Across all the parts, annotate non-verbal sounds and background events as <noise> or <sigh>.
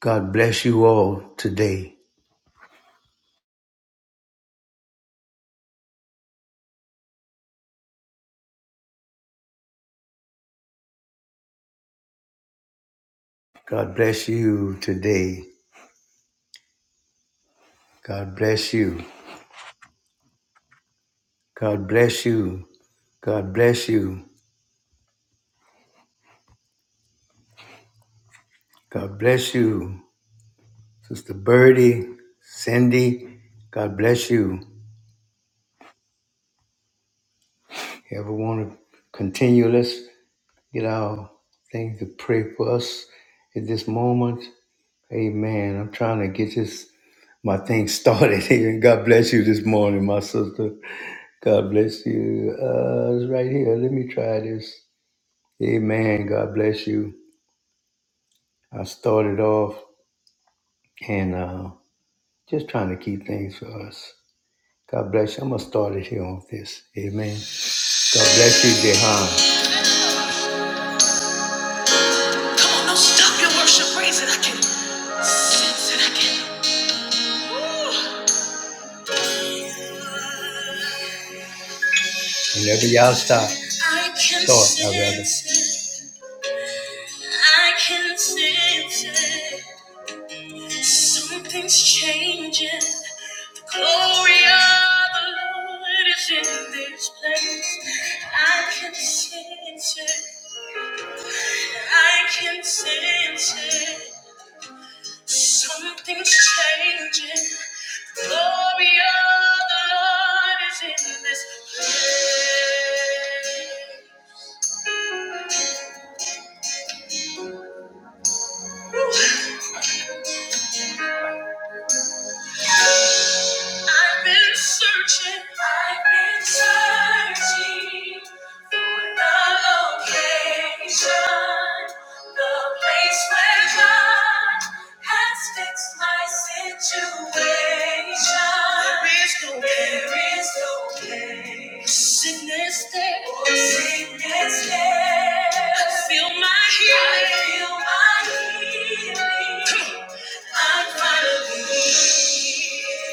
God bless you all today. God bless you today. God bless you. God bless you. God bless you. God bless you. Sister Birdie, Cindy, God bless you. If you ever want to continue, let's get our thing to pray for us at this moment. Amen. I'm trying to get this my thing started here. <laughs> God bless you this morning, my sister. God bless you. Uh, it's right here. Let me try this. Amen. God bless you. I started off and uh, just trying to keep things for us. God bless you. I'm going to start it here on this. Amen. God bless you, Jehan. Come on, don't stop your worship. Praise it. I can sense it. I can. Woo. Whenever y'all stop, I can start, I rather. sense it. I can sense it. Something's changing. The glory of the Lord is in this place. I can sense it. I can sense it. Something's changing. The glory of the Lord is in this place. I've been searching. I've been searching for the location, the place where God has fixed my situation. There is no place, there is no place. Sickness there. Oh, sickness there. I feel my healing. I feel my healing. Come on. I'm finally I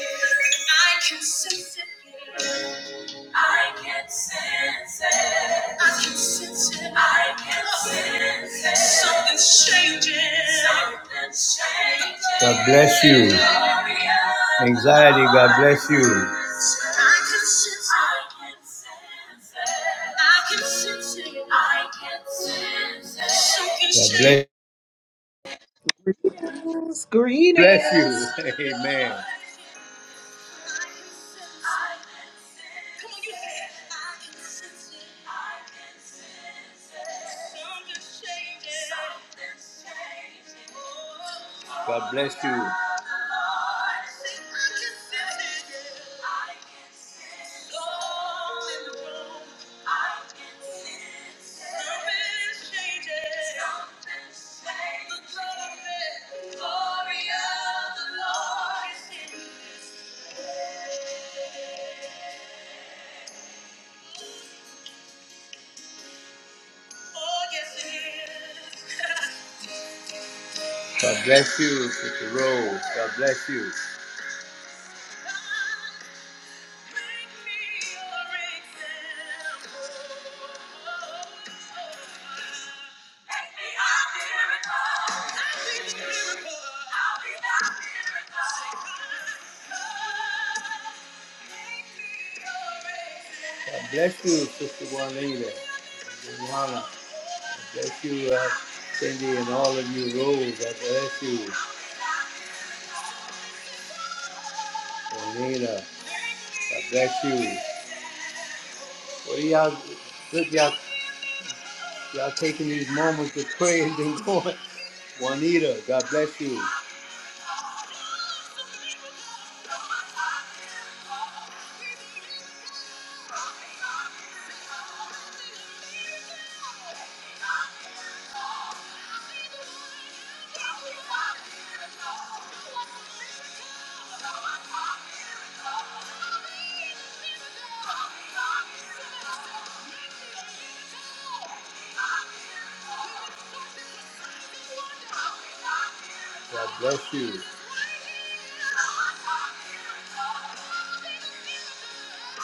can sense it. I can sense it. I can sense it. I can sense it. Something's changing. Something's changing. God bless you. Anxiety, God bless you. I can sense it. I can sense it. I can sense it. Something's changing. God Greetings, greetings. bless you. <laughs> Amen. God bless you. Glory of the Lord is in you. Oh, yes, God bless you, Sister Rose. God bless you. God, bless you, Sister Juanita, Juliana. God bless you, uh, Cindy, and all of you, Rose. God bless you, Juanita. God bless you. What are y'all, look, y'all, y'all taking these moments to praise the Lord. Juanita, God bless you. God bless you. Is the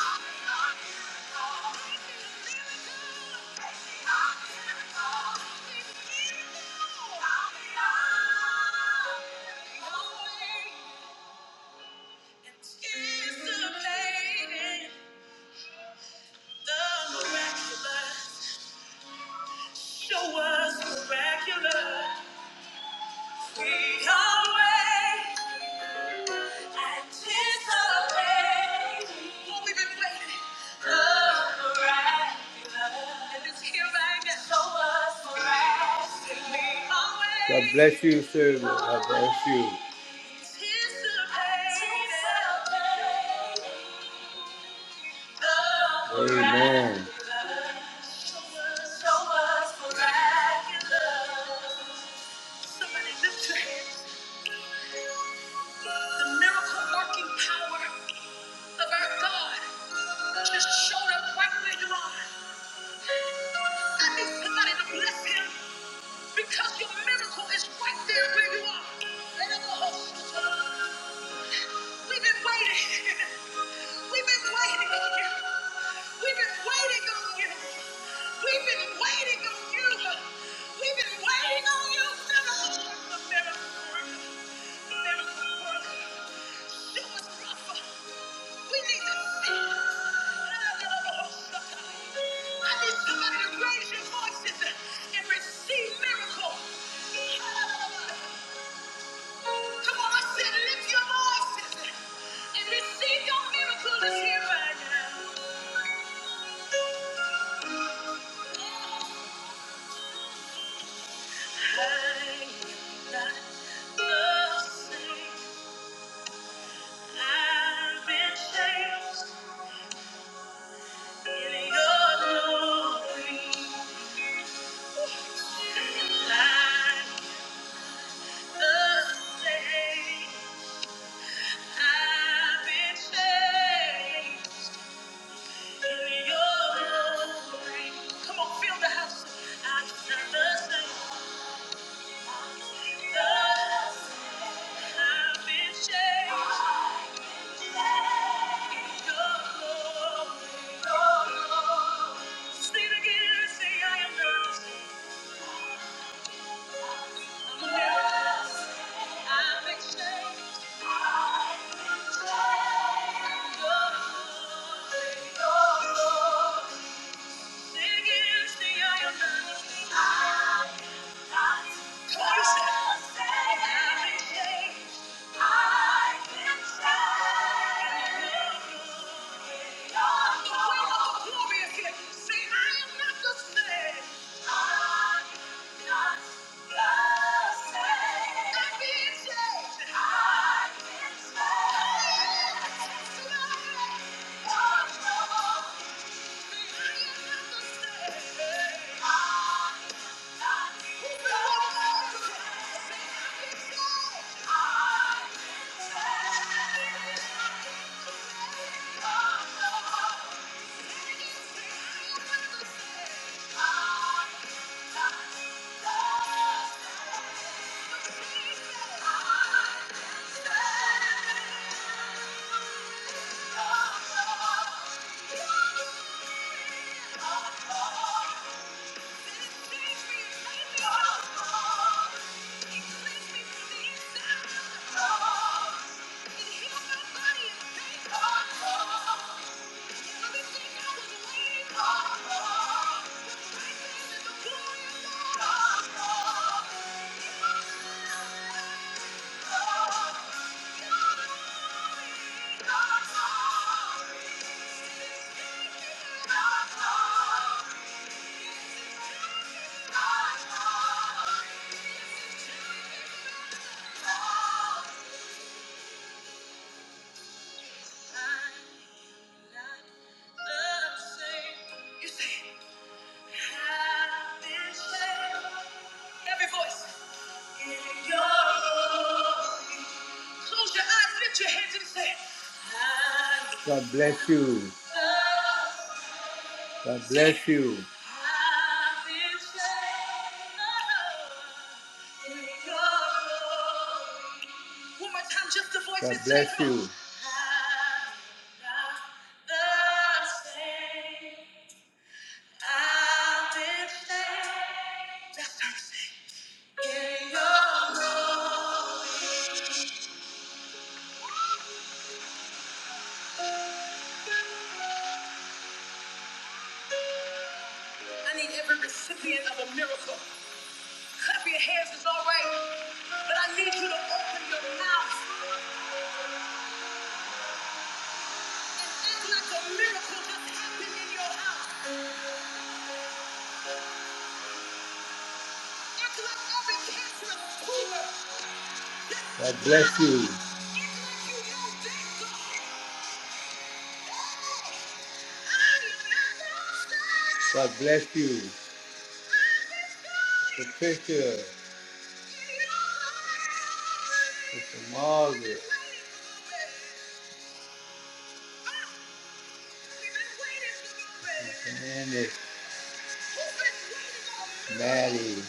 the miraculous? Show us miraculous. We are waiting. God bless you, sir. God bless you. Amen. Somebody lift your hands. The miracle working power of our God just showed up right where you are. I need somebody to bless him. Because your miracle is right there where you are. Let it go. We've been waiting. <laughs> We've been waiting on you. We've been waiting on you. We've been waiting on you. We've been waiting on you. Miracle worker, miracle worker, miracle worker. Show us, Rafa. We need to see. I need somebody to raise your voices and receive miracles. Come on, I said lift your voices and receive your miracle is here right now. I am not the same. I've been changed. In your glory, like the day, I've been changed. In your glory. Come on, fill the house. I'm not the same. I've been changed. In your glory. Your glory. Sing it again, say I am not. Say, I am not the same. I'm not. Thank you. say Every voice. In your glory. Close your eyes, lift your hands and say, "I am God bless you. God bless you. I've been saved in your glory. One more time, just the voice God and say, bless "Come on." you. I am not the same. I need every recipient of a miracle. Clap your hands, it's all right. But I need you to open your mouth and act like a miracle just happened in your house. Act like every cancerous tumor. God bless you. Act like you know that God. God bless you, Patricia. Sister Margaret. Sister Andy. Maddie.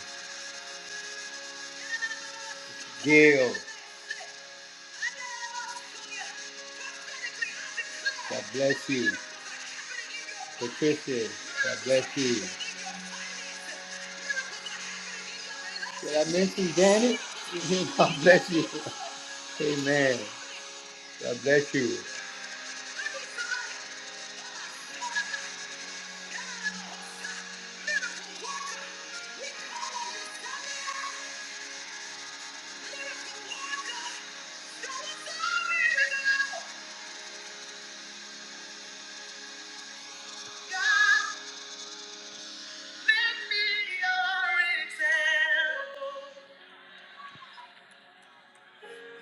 Gail. God bless you. Patricia. God bless you. Did I mention Janet? <laughs> God bless you. Amen. God bless you.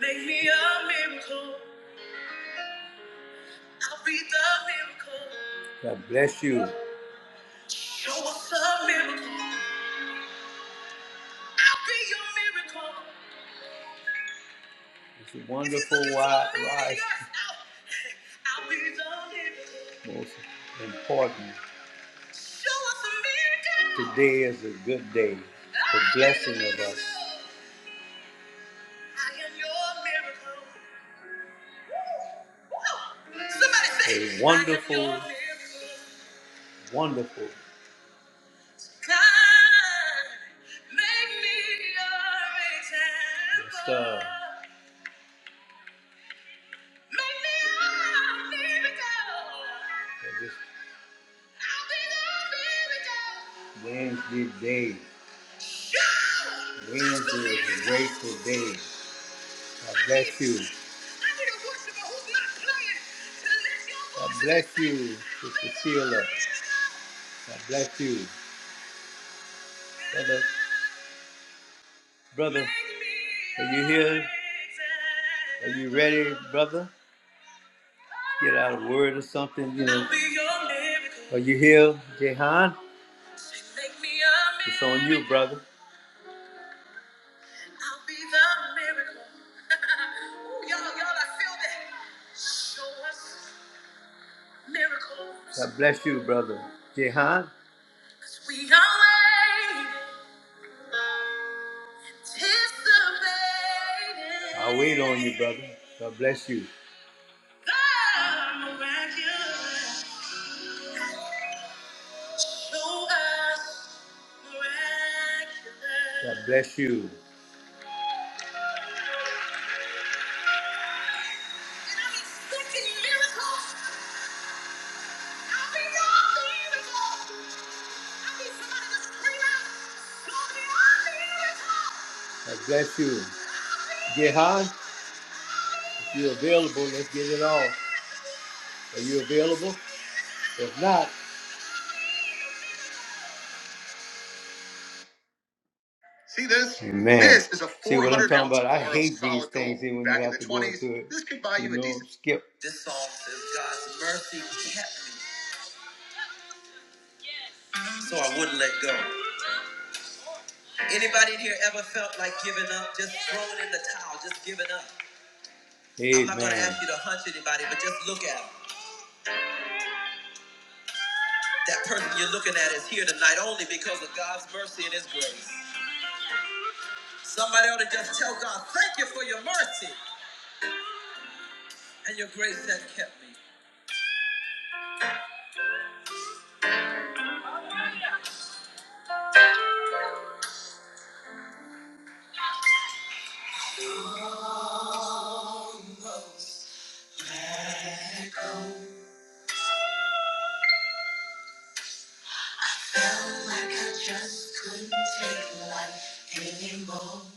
Make me a miracle. I'll be the miracle. Show us a miracle. I'll be your miracle. It's a wonderful wide ride. <laughs> I'll be the miracle. Most important. Show us a miracle. Today is a good day. The blessing of us. I am your miracle. Somebody say, A wonderful, I am your miracle. wonderful Yes, God. Wednesday day. bless you. God bless you, Sister Sheila. God bless you. Brother, brother, are you here? Are you ready, brother? get out a word or something, you know. Are you here, Jehan? It's on you, brother. I'll be the miracle. <laughs> Ooh, y'all, y'all, I feel that. Show us miracles. God bless you, brother. Jehan? We are waiting, anticipating. I'll wait on you, brother. God bless you. The miraculous. Show us miraculous. God bless you. God bless you. Gehan, if you're available, let's get it on. Are you available? If not, see this? Amen. This is a See what I'm talking about? I hate these things gold. even when you have to go 20s, into it. This could buy you, you a know, a decent- skip. This song says God's mercy kept me, so I wouldn't let go. Anybody in here ever felt like giving up? Just throwing in the towel, just giving up. I'm not going to ask you to hunch anybody, but just look at them. That person you're looking at is here tonight only because of God's mercy and His grace. Somebody ought to just tell God, thank you for your mercy and your grace that kept me. Just couldn't take life anymore. Can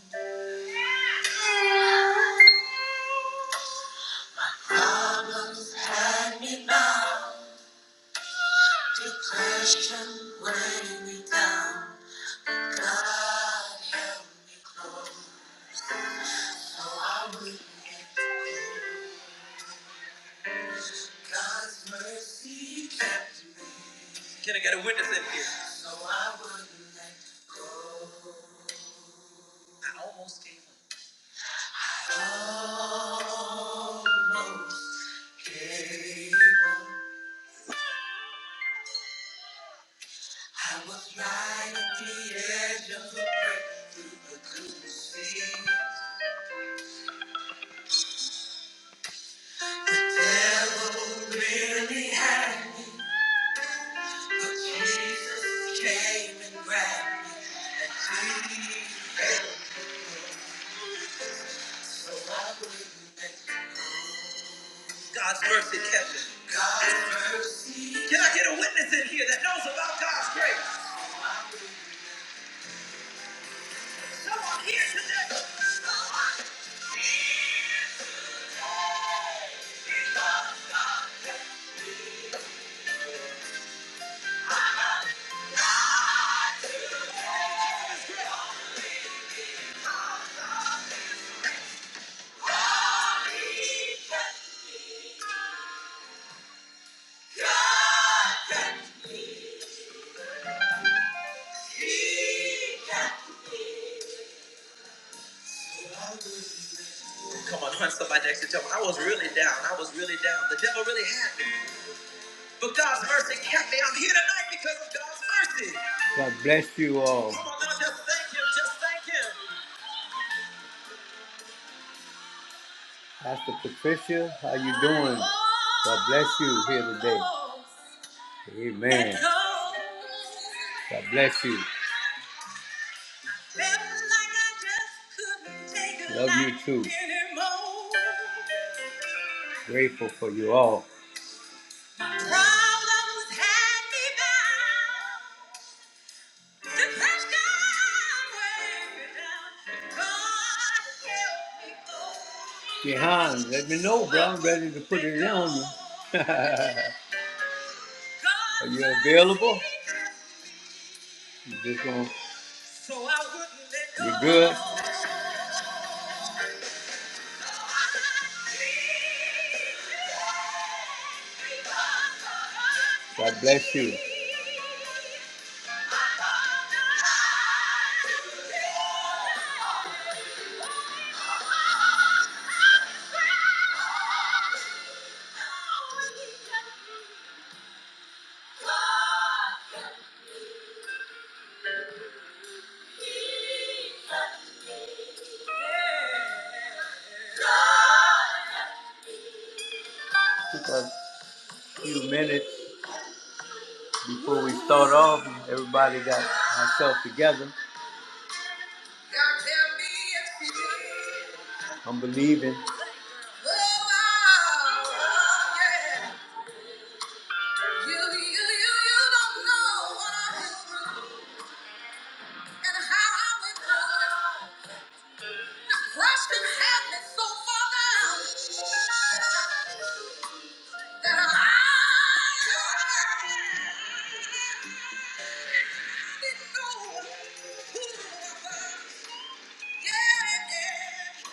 I get a witness in here? Almost gave right at the end. Couldn't see. God's mercy kept me. Can I get a witness in here that knows about God's grace? Come on, hunt somebody next to tell me. I was really down. I was really down. The devil really had me. But God's mercy kept me. I'm here tonight because of God's mercy. God bless you all. Come on now, just thank him. Just thank him. Pastor Patricia, how you doing? God bless you here today. Amen. God bless you. Love you too. Grateful for you all. Problems had me bound. Depression weighed me down. God help me, Lord. Jehan, let me know, bro. I'm ready to put it on you. <laughs> Are you available? You just gonna, so I wouldn't let go. you're good. God bless you. Took a few minutes before we start off. Everybody got ourselves together. God, tell me if you did. I'm believing. Oh, wow, oh, yeah. so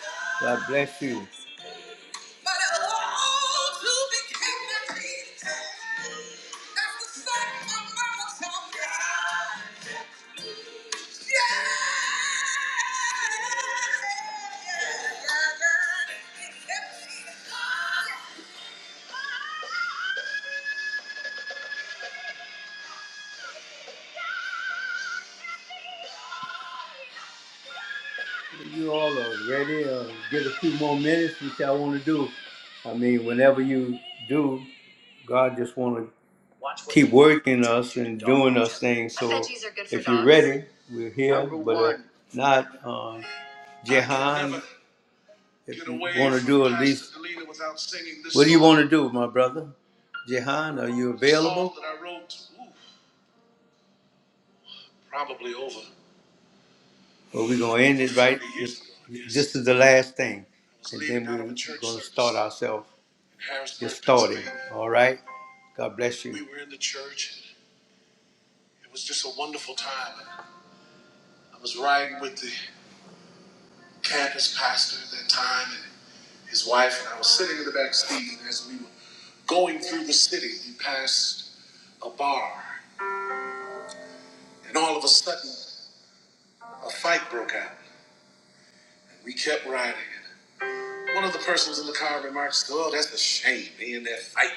Yeah, yeah. God bless you. But it all to became my peace. That's the song my mama taught me. Yeah, yeah, yeah, yeah. You all are ready. Uh, get a few more minutes, which I want to do. I mean, whenever you do, God just want to keep working us and doing us things. So if you're ready, we're here. But if not, uh, Jehan. If you want to do at least, what do you want to do, my brother? Jehan, are you available? that I wrote, ooh, probably over Well, we're going to end it right. This, this is the last thing. And then we're going to start ourselves just starting. All right? God bless you. We were in the church. It was just a wonderful time. I was riding with the campus pastor at that time and his wife, and I was sitting in the back seat and as we were going through the city. We passed a bar, and all of a sudden, a fight broke out. We kept riding. and One of the persons in the car remarks, Oh, that's a shame. They in that fight.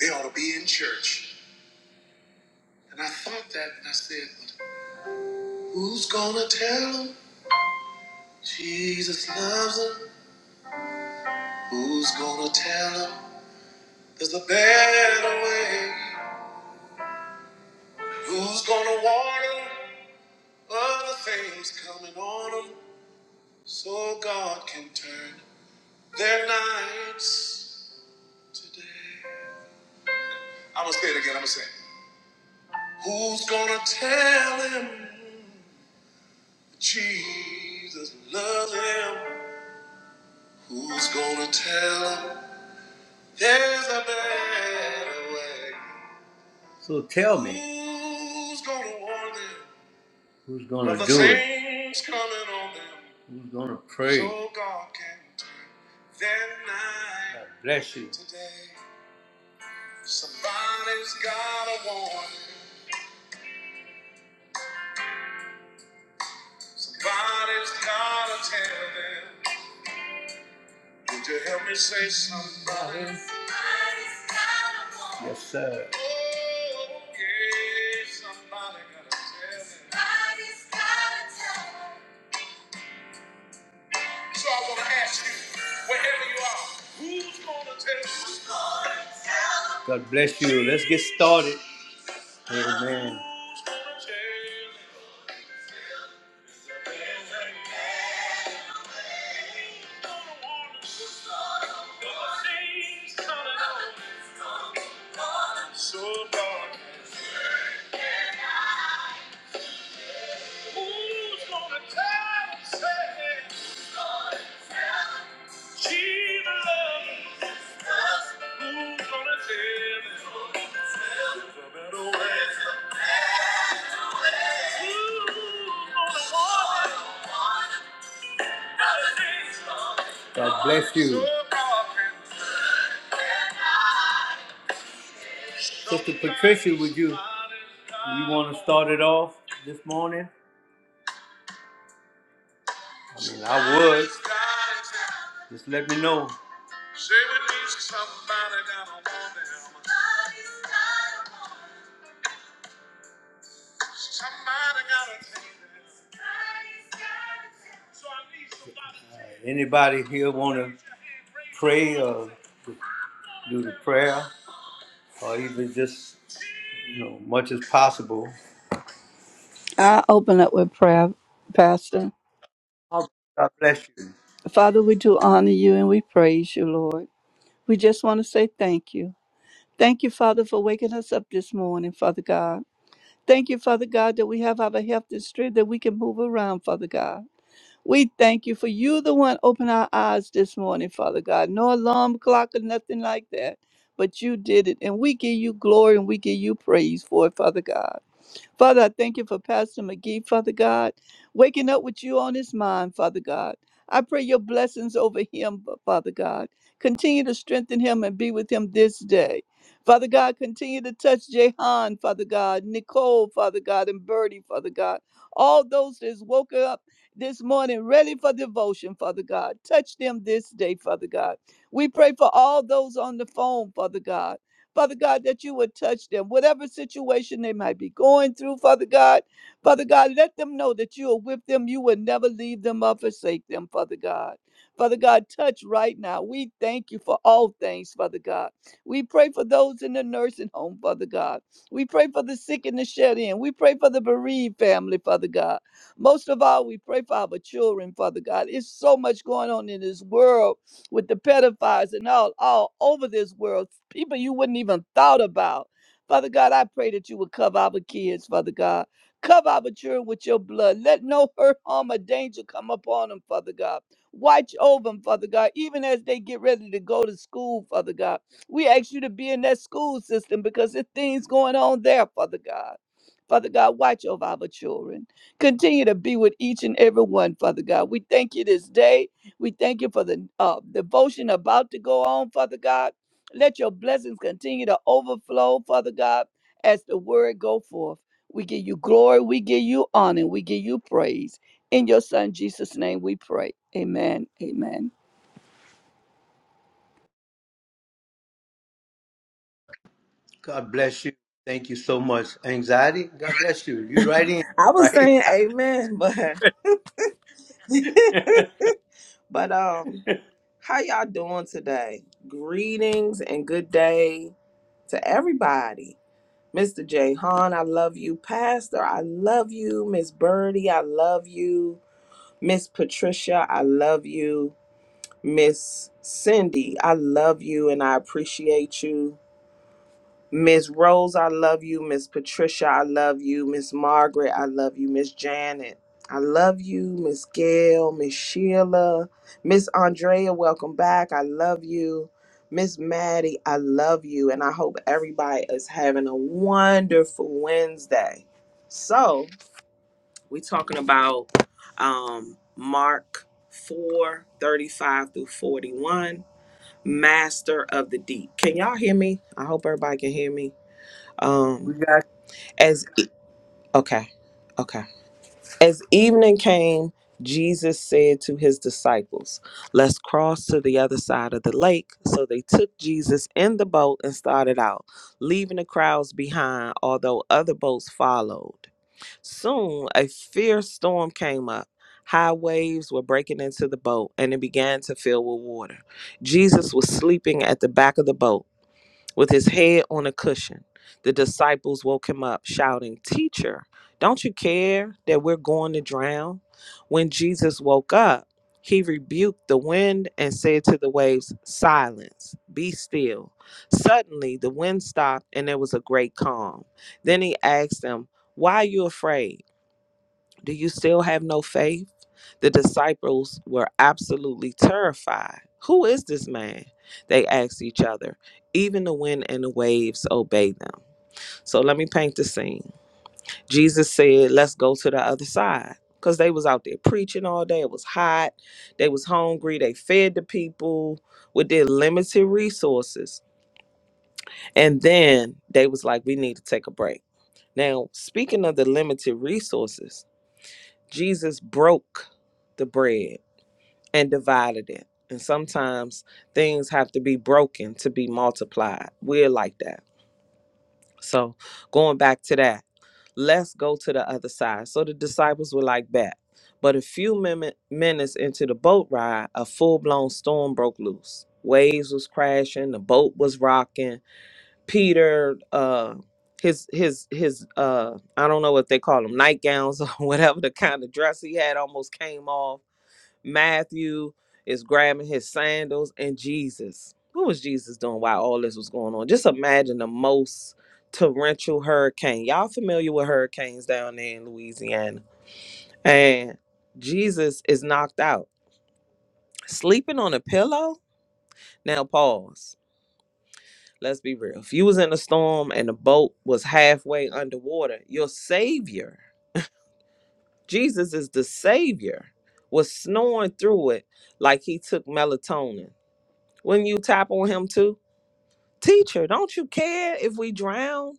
They ought to be in church. And I thought that, and I said, "But Who's gonna tell them Jesus loves them? Who's gonna tell them there's a better way? Who's gonna warn them? Other things coming on them, so God can turn their nights today. I'm gonna say it again. I'm gonna say, it. Who's gonna tell him Jesus loves him? Who's gonna tell him there's a better way? So tell me, who's gonna warn them? Who's gonna of do it? things coming on them? Who's gonna pray? So God can turn their God night. bless you. Today. Somebody's got a warning. Somebody's got to tell them. Would you help me say somebody? Somebody's got a warning. Yes, sir. Oh, yeah, somebody got to tell them. Somebody's got to tell them. So I want to ask you, wherever you are, who's going to tell you? God bless you. Let's get started. Amen. Who's gonna tell you? So long. Who's gonna tell him, say, she loves him? Who's gonna tell him? There's a better way. Who's gonna warn him? God bless you. Sister Patricia, would you you want to start it off this morning? I mean, I would. Just let me know. Say we need somebody got a woman. Somebody got a thing. Anybody here want to pray or do the prayer? Possible. I open up with prayer, Pastor. God bless you. Father, we do honor you and we praise you, Lord. We just want to say thank you. Thank you, Father, for waking us up this morning, Father God. Thank you, Father God, that we have our health and strength that we can move around, Father God. We thank you for you, the one open our eyes this morning, Father God. No alarm clock or nothing like that, but you did it. And we give you glory and we give you praise for it, Father God. Father, I thank you for Pastor McGee, Father God, waking up with you on his mind, Father God. I pray your blessings over him, Father God. Continue to strengthen him and be with him this day. Father God, continue to touch Jehan, Father God, Nicole, Father God, and Birdie, Father God. All those that's woken up this morning ready for devotion, Father God. Touch them this day, Father God. We pray for all those on the phone, Father God. Father God, that you would touch them, whatever situation they might be going through, Father God. Father God, let them know that you are with them. You will never leave them or forsake them, Father God. Father God, touch right now. We thank you for all things, Father God. We pray for those in the nursing home, Father God. We pray for the sick and the shed in. We pray for the bereaved family, Father God. Most of all, we pray for our children, Father God. It's so much going on in this world with the pedophiles and all all over this world, people you wouldn't even thought about. Father God, I pray that you would cover our kids, Father God. Cover our children with your blood. Let no hurt, harm, or danger come upon them, Father God. Watch over them, Father God, even as they get ready to go to school, Father God. We ask you to be in that school system because there's things going on there, Father God. Father God, watch over our children. Continue to be with each and every one, Father God. We thank you this day. We thank you for the uh, devotion about to go on, Father God. Let your blessings continue to overflow, Father God, as the word go forth. We give you glory, we give you honor, we give you praise. In your son Jesus' name we pray. Amen. Amen. God bless you. Thank you so much. Anxiety. God bless you. You right in, I was right? saying amen, but <laughs> but um, how y'all doing today? Greetings and good day to everybody. Mr. Jay Han. I love you. Pastor, I love you. Miss Birdie, I love you. Miss Patricia, I love you. Miss Cindy, I love you and I appreciate you. Miss Rose, I love you. Miss Patricia, I love you. Miss Margaret, I love you. Miss Janet, I love you. Miss Gail, Miss Sheila, Miss Andrea, welcome back. I love you. Miss Maddie, I love you. And I hope everybody is having a wonderful Wednesday. So, we're talking about um, Mark 4 35 through 41, Master of the Deep. Can y'all hear me? I hope everybody can hear me. <laughs> We Um, got. as e- okay, okay. As evening came, Jesus said to his disciples, "Let's cross to the other side of the lake." So they took Jesus in the boat and started out, leaving the crowds behind, although other boats followed. Soon, a fierce storm came up. High waves were breaking into the boat and it began to fill with water. Jesus was sleeping at the back of the boat. With his head on a cushion, the disciples woke him up, shouting, Teacher, don't you care that we're going to drown? When Jesus woke up, he rebuked the wind and said to the waves, Silence, be still. Suddenly, the wind stopped and there was a great calm. Then he asked them, Why are you afraid? Do you still have no faith? The disciples were absolutely terrified. Who is this man? They asked each other. Even the wind and the waves obey them. So let me paint the scene. Jesus said, "Let's go to the other side." Cuz they was out there preaching all day. It was hot. They was hungry. They fed the people with their limited resources. And then they was like, "We need to take a break." Now, speaking of the limited resources, Jesus broke the bread and divided it. And sometimes things have to be broken to be multiplied. We're like that. So going back to that, let's go to the other side. So the disciples were like, bet. But a few min- minutes into the boat ride, a full blown storm broke loose. Waves was crashing, the boat was rocking. Peter, uh, his his his uh I don't know what they call them, nightgowns or <laughs> whatever the kind of dress he had almost came off Matthew is grabbing his sandals, and Jesus. What was Jesus doing while all this was going on? Just imagine the most torrential hurricane. Y'all familiar with hurricanes down there in Louisiana? And Jesus is knocked out, sleeping on a pillow. Now, pause. Let's be real. If you was in a storm and the boat was halfway underwater, your savior, Jesus is the savior, was snoring through it like he took melatonin. Wouldn't you tap on him too? Teacher, don't you care if we drown?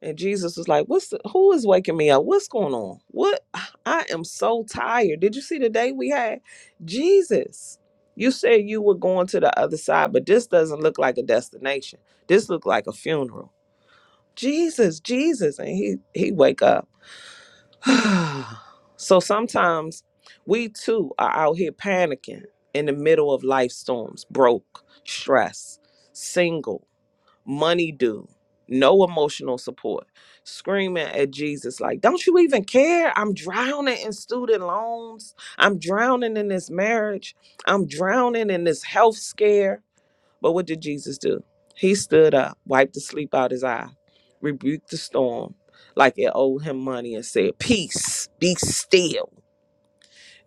And Jesus was like, What's the, who is waking me up? What's going on? What I am so tired. Did you see the day we had? Jesus, you said you were going to the other side, but this doesn't look like a destination. This looked like a funeral. Jesus, Jesus. And he he wake up. <sighs> so sometimes we too are out here panicking in the middle of life storms, broke, stress, single money due, no emotional support, screaming at Jesus, like, don't you even care? I'm drowning in student loans. I'm drowning in this marriage. I'm drowning in this health scare. But what did Jesus do? He stood up, wiped the sleep out his eye, rebuked the storm like it owed him money and said, Peace, be still.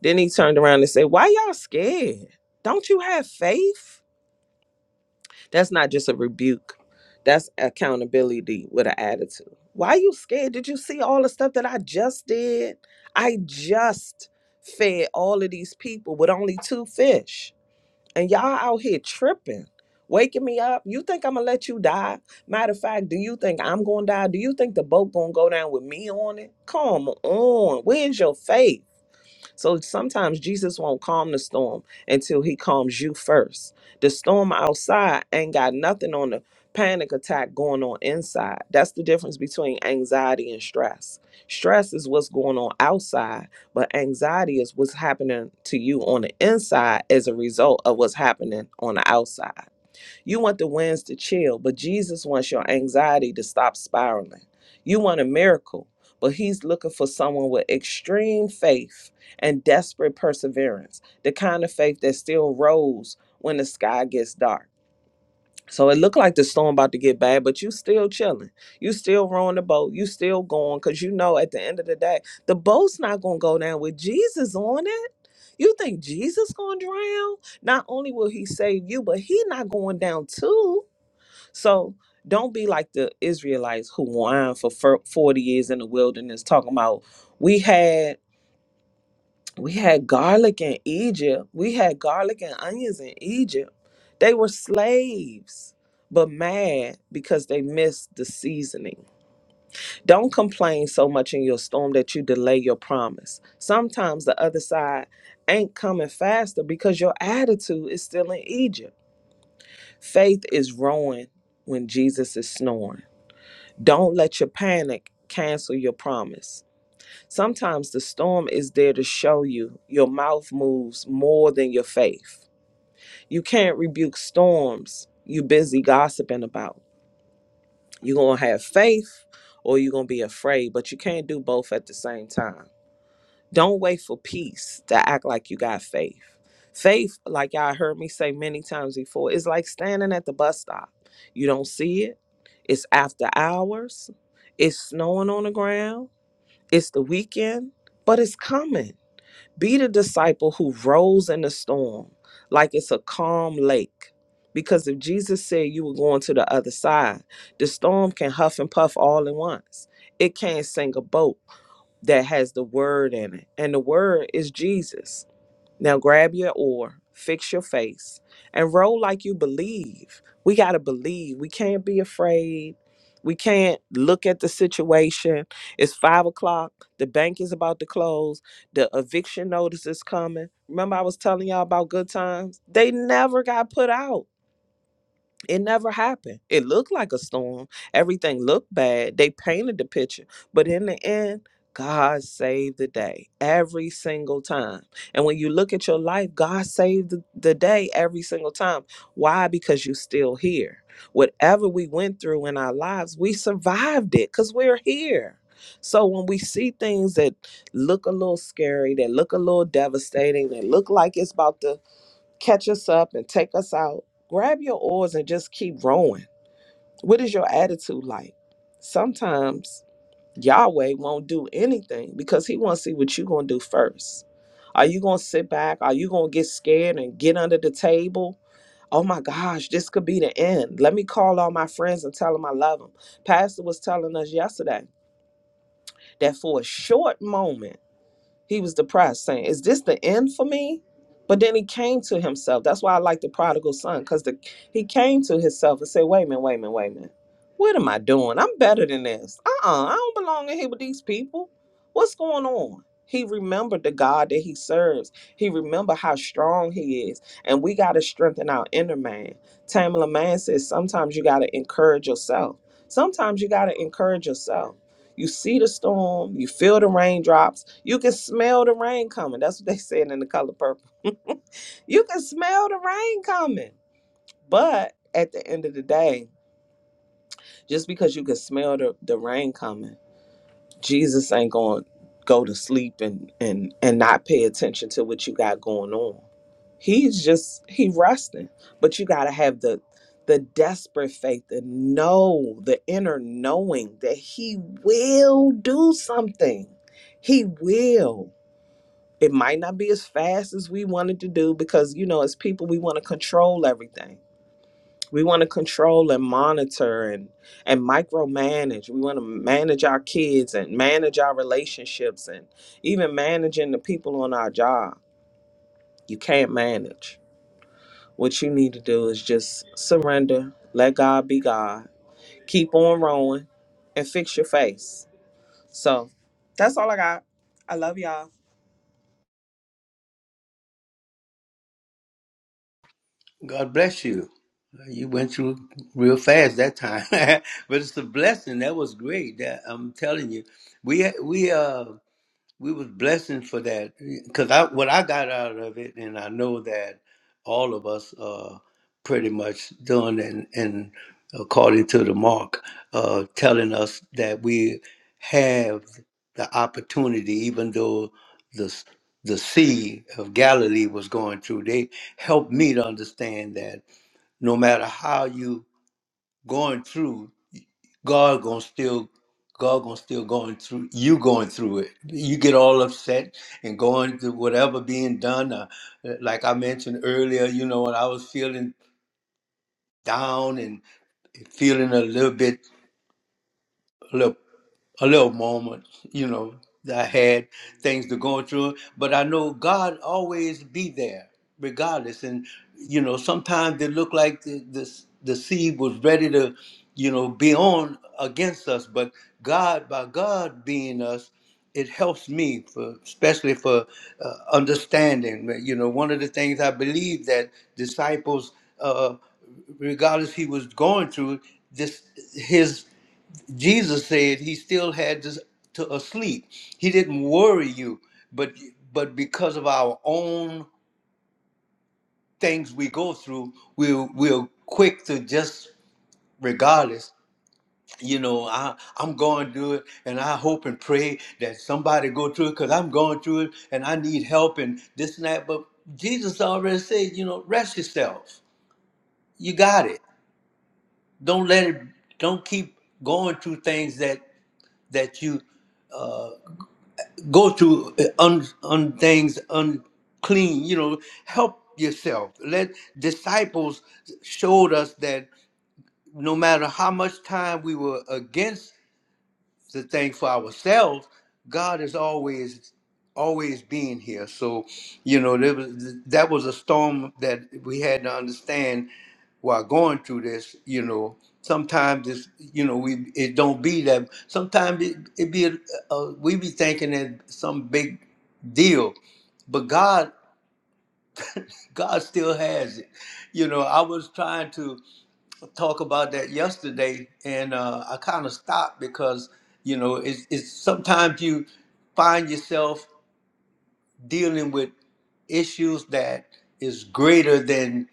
Then he turned around and said, Why y'all scared? Don't you have faith? That's not just a rebuke. That's accountability with an attitude. Why you scared? Did you see all the stuff that I just did? I just fed all of these people with only two fish. And y'all out here tripping, waking me up. You think I'm gonna let you die? Matter of fact, do you think I'm gonna die? Do you think the boat gonna go down with me on it? Come on. Where's your faith? So sometimes Jesus won't calm the storm until he calms you first. The storm outside ain't got nothing on the panic attack going on inside. That's the difference between anxiety and stress. Stress is what's going on outside, but anxiety is what's happening to you on the inside as a result of what's happening on the outside. You want the winds to chill, but Jesus wants your anxiety to stop spiraling. You want a miracle, but He's looking for someone with extreme faith and desperate perseverance, the kind of faith that still rose when the sky gets dark. So it looked like the storm about to get bad, but you still chilling. You still rowing the boat. You still going because you know at the end of the day, the boat's not gonna go down with Jesus on it. You think Jesus gonna drown? Not only will he save you, but he not going down too. So don't be like the Israelites who whined for fir- 40 years in the wilderness talking about we had we had garlic in Egypt. We had garlic and onions in Egypt. They were slaves, but mad because they missed the seasoning. Don't complain so much in your storm that you delay your promise. Sometimes the other side ain't coming faster because your attitude is still in Egypt. Faith is rowing when Jesus is snoring. Don't let your panic cancel your promise. Sometimes the storm is there to show you your mouth moves more than your faith. You can't rebuke storms you're busy gossiping about. You're going to have faith or you're going to be afraid, but you can't do both at the same time. Don't wait for peace to act like you got faith. Faith, like y'all heard me say many times before, is like standing at the bus stop. You don't see it. It's after hours. It's snowing on the ground it's the weekend, but it's coming. Be the disciple who rose in the storm like it's a calm lake. Because if Jesus said you were going to the other side, the storm can huff and puff all at once. It can't sink a boat that has the word in it. And the word is Jesus. Now grab your oar, fix your face, and roll like you believe. We got to believe. We can't be afraid. We can't look at the situation. It's five o'clock. The bank is about to close. The eviction notice is coming. Remember, I was telling y'all about good times? They never got put out it never happened. It looked like a storm. Everything looked bad. They painted the picture. But in the end, God saved the day every single time. And when you look at your life, God saved the, the day every single time. Why? Because you're still here. Whatever we went through in our lives, we survived it because we're here. So when we see things that look a little scary, that look a little devastating, that look like it's about to catch us up and take us out. Grab your oars and just keep rowing. What is your attitude like? Sometimes Yahweh won't do anything because he wants to see what you're going to do first. Are you going to sit back? Are you going to get scared and get under the table? Oh my gosh, this could be the end. Let me call all my friends and tell them I love them. Pastor was telling us yesterday that for a short moment, he was depressed, saying, Is this the end for me? But then he came to himself. That's why I like the prodigal son, because the he came to himself and said, Wait a minute, wait a minute, wait a minute. What am I doing? I'm better than this. Uh-uh. I don't belong in here with these people. What's going on? He remembered the God that he serves. He remembered how strong he is. And we got to strengthen our inner man. Tamala Man says sometimes you got to encourage yourself. Sometimes you got to encourage yourself. You see the storm, you feel the raindrops, you can smell the rain coming. That's what they said in the color purple. You can smell the rain coming. But at the end of the day, just because you can smell the, the rain coming Jesus ain't going to go to sleep and and and not pay attention to what you got going on. He's just he resting. But you got to have the the desperate faith and know the inner knowing that he will do something. He will. It might not be as fast as we wanted to do because you know as people we want to control everything we want to control and monitor and and micromanage. We want to manage our kids and manage our relationships and even managing the people on our job. You can't manage. What you need to do is just surrender, let God be God, keep on rolling, and fix your face. So that's all I got. I love y'all. God bless you. You went through real fast that time, <laughs> but it's a blessing. That was great. That I'm telling you, we we uh we was blessing for that because I what I got out of it, and I know that all of us are pretty much doing and and according to the mark, uh, telling us that we have the opportunity, even though the s- the sea of Galilee was going through. They helped me to understand that no matter how you going through God gonna still God gonna still going through you going through it. You get all upset and going through whatever being done. Uh, like I mentioned earlier, you know, when I was feeling down and feeling a little bit a little. a little moment, you know, that I had things to go through. But I know God always be there, regardless. And you know, sometimes it looked like the the, the seed was ready to, you know, be on against us. But God, by God being us, it helps me for especially for uh, understanding. You know, one of the things I believe that disciples. Uh, regardless he was going through this his. Jesus said he still had us to asleep. He didn't worry you, but but because of our own things we go through, we'll we'll quick to just regardless. You know, I I'm going through it, and I hope and pray that somebody go through it because I'm going through it, and I need help and this and that. But Jesus already said, you know, rest yourself. You got it. Don't let it. Don't keep going through things that that you go to uh, un, un things unclean you know help yourself let disciples showed us that no matter how much time we were against the thing for ourselves god is always always being here so you know there was that was a storm that we had to understand while going through this you know sometimes it's you know we it don't be that sometimes it, it be a, a, we be thinking that some big deal but God God still has it. You know, I was trying to talk about that yesterday, and uh, I kind of stopped because you know it's, it's sometimes you find yourself dealing with issues that is greater than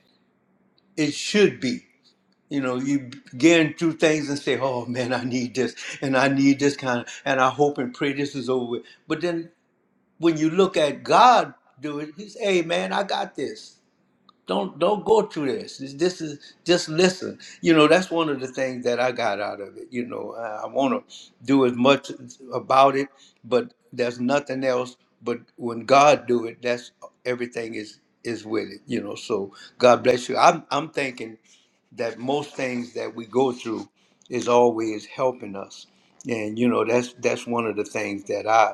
it should be. You know, you begin through things and say, "Oh man, I need this, and I need this kind of, and I hope and pray this is over." with." But then when you look at God do it, He says, "Hey man, I got this." Don't don't go through this. This, this is just listen. You know that's one of the things that I got out of it. You know I, I want to do as much about it, but there's nothing else. But when God do it, that's everything is is with it. You know. So God bless you. I'm I'm thinking that most things that we go through is always helping us, and you know that's that's one of the things that I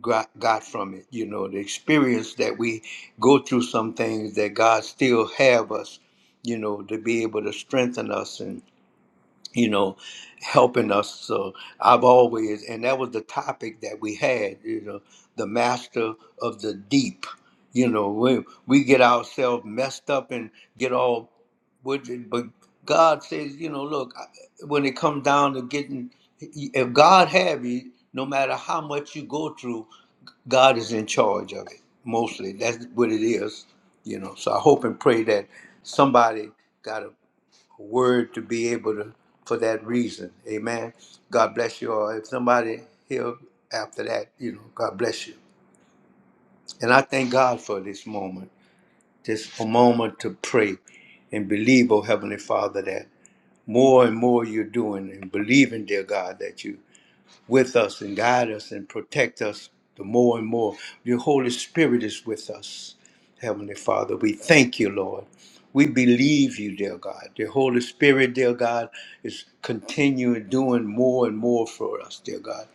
got, got from it. You know, the experience that we go through some things that God still have us, you know, to be able to strengthen us and, you know, helping us. So I've always, and that was the topic that we had, you know, the master of the deep. You know, we, we get ourselves messed up and get all, would- but God says, you know, look, I- when it comes down to getting, if God have you, no matter how much you go through, God is in charge of it mostly. That's what it is, you know. So I hope and pray that somebody got a word to be able to for that reason. Amen. God bless you all. If somebody here after that, you know, God bless you. And I thank God for this moment, this a moment to pray and believe, oh Heavenly Father, that more and more you're doing and believing, dear God, that you with us and guide us and protect us the more and more. Your Holy Spirit is with us, Heavenly Father. We thank you, Lord. We believe you, dear God. The Holy Spirit, dear God, is continuing doing more and more for us, dear God.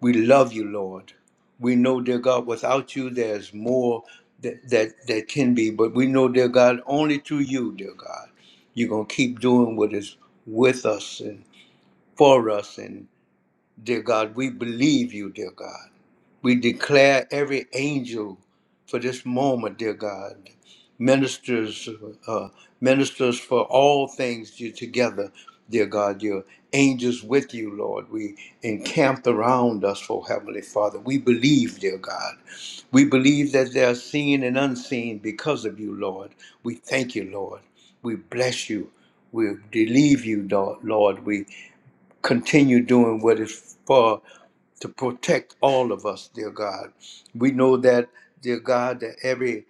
We love you, Lord. We know, dear God, without you, there's more that, that, that can be, but we know, dear God, only through you, dear God, you're going to keep doing what is with us and for us. And, dear God, we believe you, dear God. We declare every angel for this moment, dear God. Ministers, uh, ministers for all things you together, dear God. Your angels with you, Lord. We encamped around us, oh Heavenly Father. We believe, dear God. We believe that they are seen and unseen because of you, Lord. We thank you, Lord. We bless you. We believe you, Lord. We continue doing what is for to protect all of us, dear God. We know that, dear God, that every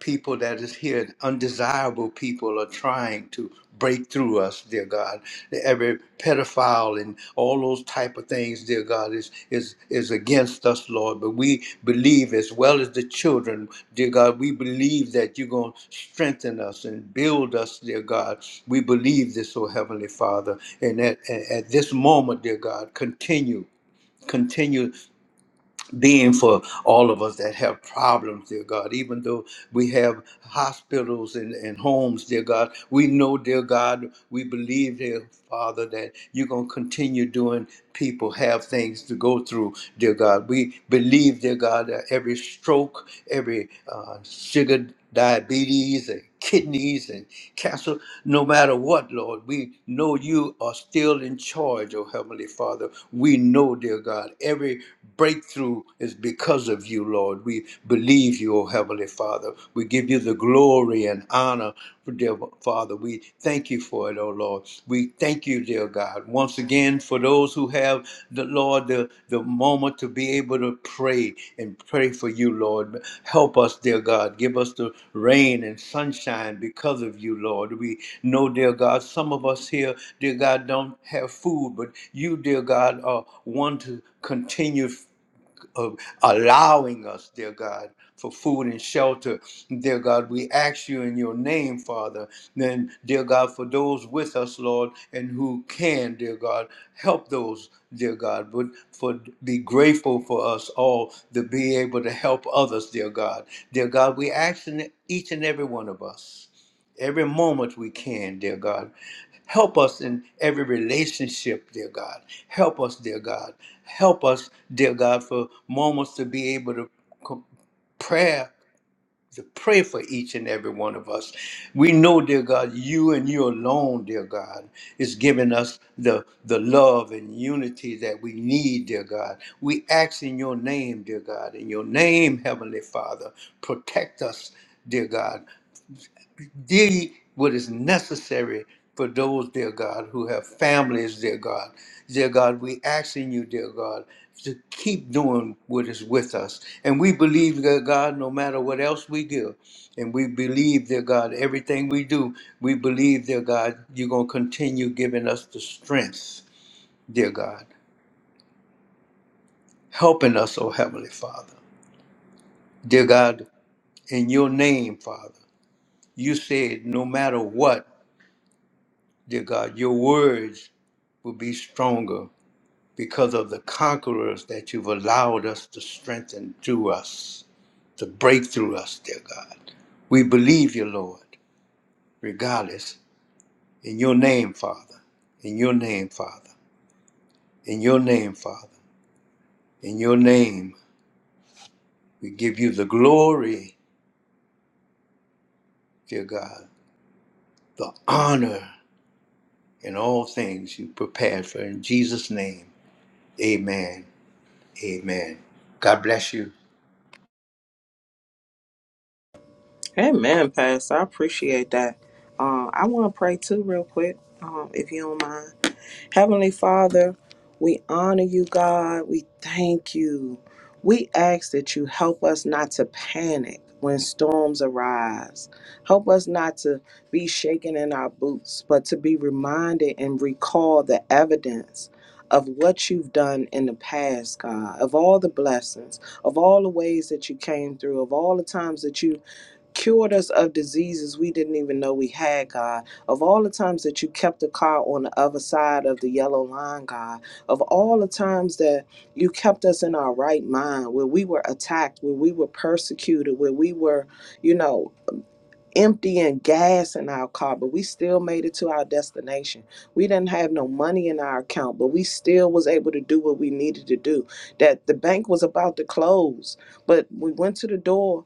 people that is here, undesirable people are trying to break through us, dear God. Every pedophile and all those type of things, dear God, is is is against us, Lord. But we believe as well as the children, dear God, we believe that you're gonna strengthen us and build us, dear God. We believe this, oh Heavenly Father. And at, at at this moment, dear God, continue continue then for all of us that have problems, dear God, even though we have hospitals and, and homes, dear God, we know, dear God, we believe, dear Father, that you're going to continue doing people have things to go through, dear God. We believe, dear God, that every stroke, every uh, sugar diabetes and kidneys and cancer, no matter what, Lord, we know you are still in charge, oh Heavenly Father. Father. We know, dear God, every breakthrough is because of you, Lord. We believe you, O Heavenly Father. We give you the glory and honor, dear Father. We thank you for it, O Lord. We thank you, dear God. Once again, for those who have the Lord, the, the moment to be able to pray and pray for you, Lord. Help us, dear God. Give us the rain and sunshine because of you, Lord. We know, dear God, some of us here, dear God, don't have food, but you, dear God, are one to continue of allowing us, dear God, for food and shelter. Dear God, we ask you in your name, Father. Then, dear God, for those with us, Lord, and who can, dear God, help those, dear God, but for be grateful for us all to be able to help others, dear God. Dear God, we ask in each and every one of us. Every moment we can, dear God Help us in every relationship, dear God. Help us, dear God. Help us, dear God, for moments to be able to co- prayer to pray for each and every one of us. We know, dear God, you and you alone, dear God, is giving us the, the love and unity that we need, dear God. We ask in your name, dear God, in your name, Heavenly Father, protect us, dear God did what is necessary for those, dear God, who have families, dear God. Dear God, we asking you, dear God, to keep doing what is with us. And we believe, dear God, no matter what else we do, and we believe, dear God, everything we do, we believe, dear God, you're going to continue giving us the strength, dear God, helping us, oh Heavenly Father. Dear God, in your name, Father, you said no matter what, dear God, your words will be stronger because of the conquerors that you've allowed us to strengthen through us, to break through us, dear God. We believe you, Lord, regardless. In your name, Father. In your name, Father. In your name, Father. In your name, we give you the glory, dear God, the honor in all things you prepared for. In Jesus' name, amen. Amen. God bless you. Amen, Pastor. I appreciate that. Um, I want to pray too, real quick, um, if you don't mind. Heavenly Father, we honor you, God. We thank you. We ask that you help us not to panic when storms arise. Help us not to be shaken in our boots, but to be reminded and recall the evidence of what you've done in the past, God, of all the blessings, of all the ways that you came through, of all the times that you cured us of diseases we didn't even know we had, God. Of all the times that you kept the car on the other side of the yellow line, God. Of all the times that you kept us in our right mind, where we were attacked, where we were persecuted, where we were, you know, emptying gas in our car, but we still made it to our destination. We didn't have no money in our account, but we still was able to do what we needed to do. That the bank was about to close, but we went to the door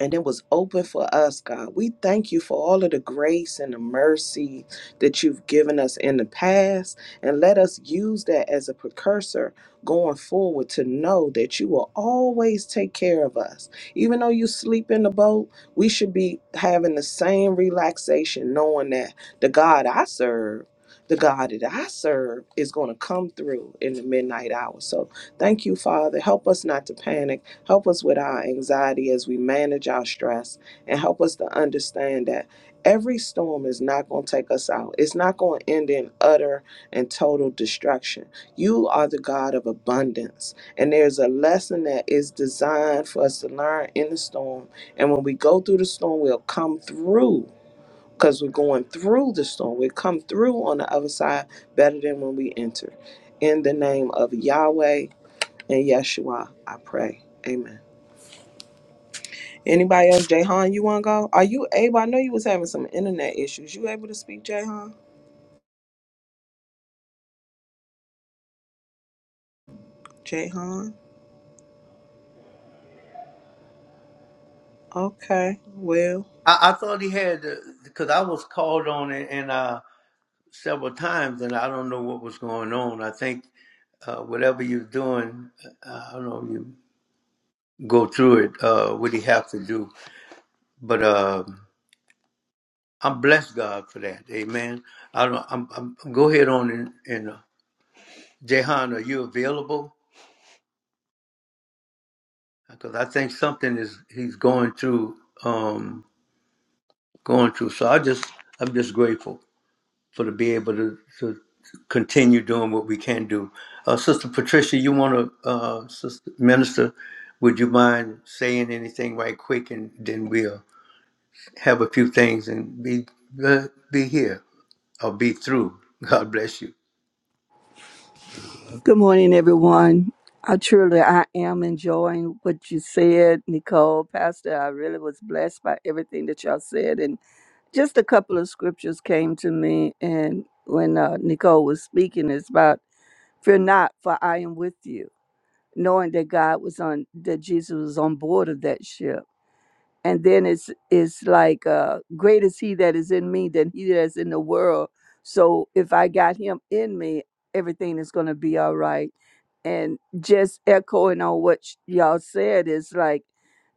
and it was open for us, God. We thank you for all of the grace and the mercy that you've given us in the past, and let us use that as a precursor going forward to know that you will always take care of us. Even though you sleep in the boat, we should be having the same relaxation, knowing that the God I serve. The God that I serve is going to come through in the midnight hour. So thank you, Father. Help us not to panic. Help us with our anxiety as we manage our stress and help us to understand that every storm is not going to take us out. It's not going to end in utter and total destruction. You are the God of abundance. And there's a lesson that is designed for us to learn in the storm. And when we go through the storm, we'll come through because we're going through the storm. We will come through on the other side better than when we enter. In the name of Yahweh and Yeshua, I pray. Amen. Anybody else? Jayhan, you wanna go? Are you able? I know you was having some internet issues. You able to speak, Jayhan? Jayhan. Okay. Well, I, I thought he had because I was called on it and uh, several times, and I don't know what was going on. I think uh, whatever you're doing, uh, I don't know you go through it. Uh, what he have to do, but uh, I'm blessed God for that. Amen. I don't. I'm, I'm go ahead on and, and uh, Jehan, are you available? Because I think something is he's going through, um, going through. So I just I'm just grateful. for to be able to, to continue doing what we can do. Uh, Sister Patricia, you want to, uh, Sister Minister, would you mind saying anything right quick, and then we'll have a few things and be uh, be here or be through. <laughs> God bless you. Good morning, everyone. I truly I am enjoying what you said, Nicole, Pastor. I really was blessed by everything that y'all said, and just a couple of scriptures came to me. And when uh, Nicole was speaking, it's about Fear not, for I am with you. Knowing that God was on that Jesus was on board of that ship and then it's it's like uh great is he that is in me than he that is in the world so if i got him in me everything is going to be all right and just echoing on what sh- y'all said is like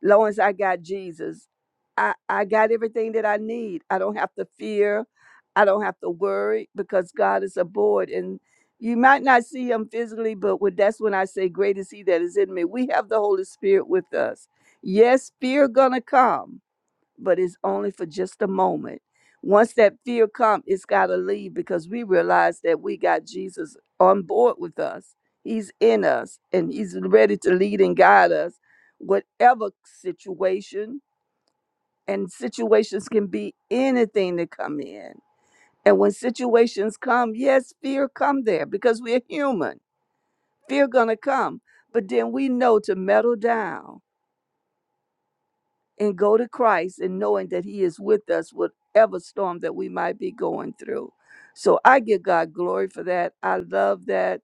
long as i got jesus i i got everything that i need i don't have to fear i don't have to worry because god is aboard and you might not see him physically but when, that's when i say great is he that is in me we have the holy spirit with us Yes, fear gonna come, but it's only for just a moment. Once that fear come, it's gotta leave because we realize that we got Jesus on board with us. He's in us and he's ready to lead and guide us, whatever situation. And situations can be anything that come in. And when situations come, yes, fear come there because we're human. Fear gonna come, but then we know to settle down and go to Christ and knowing that He is with us, whatever storm that we might be going through. So I give God glory for that. I love that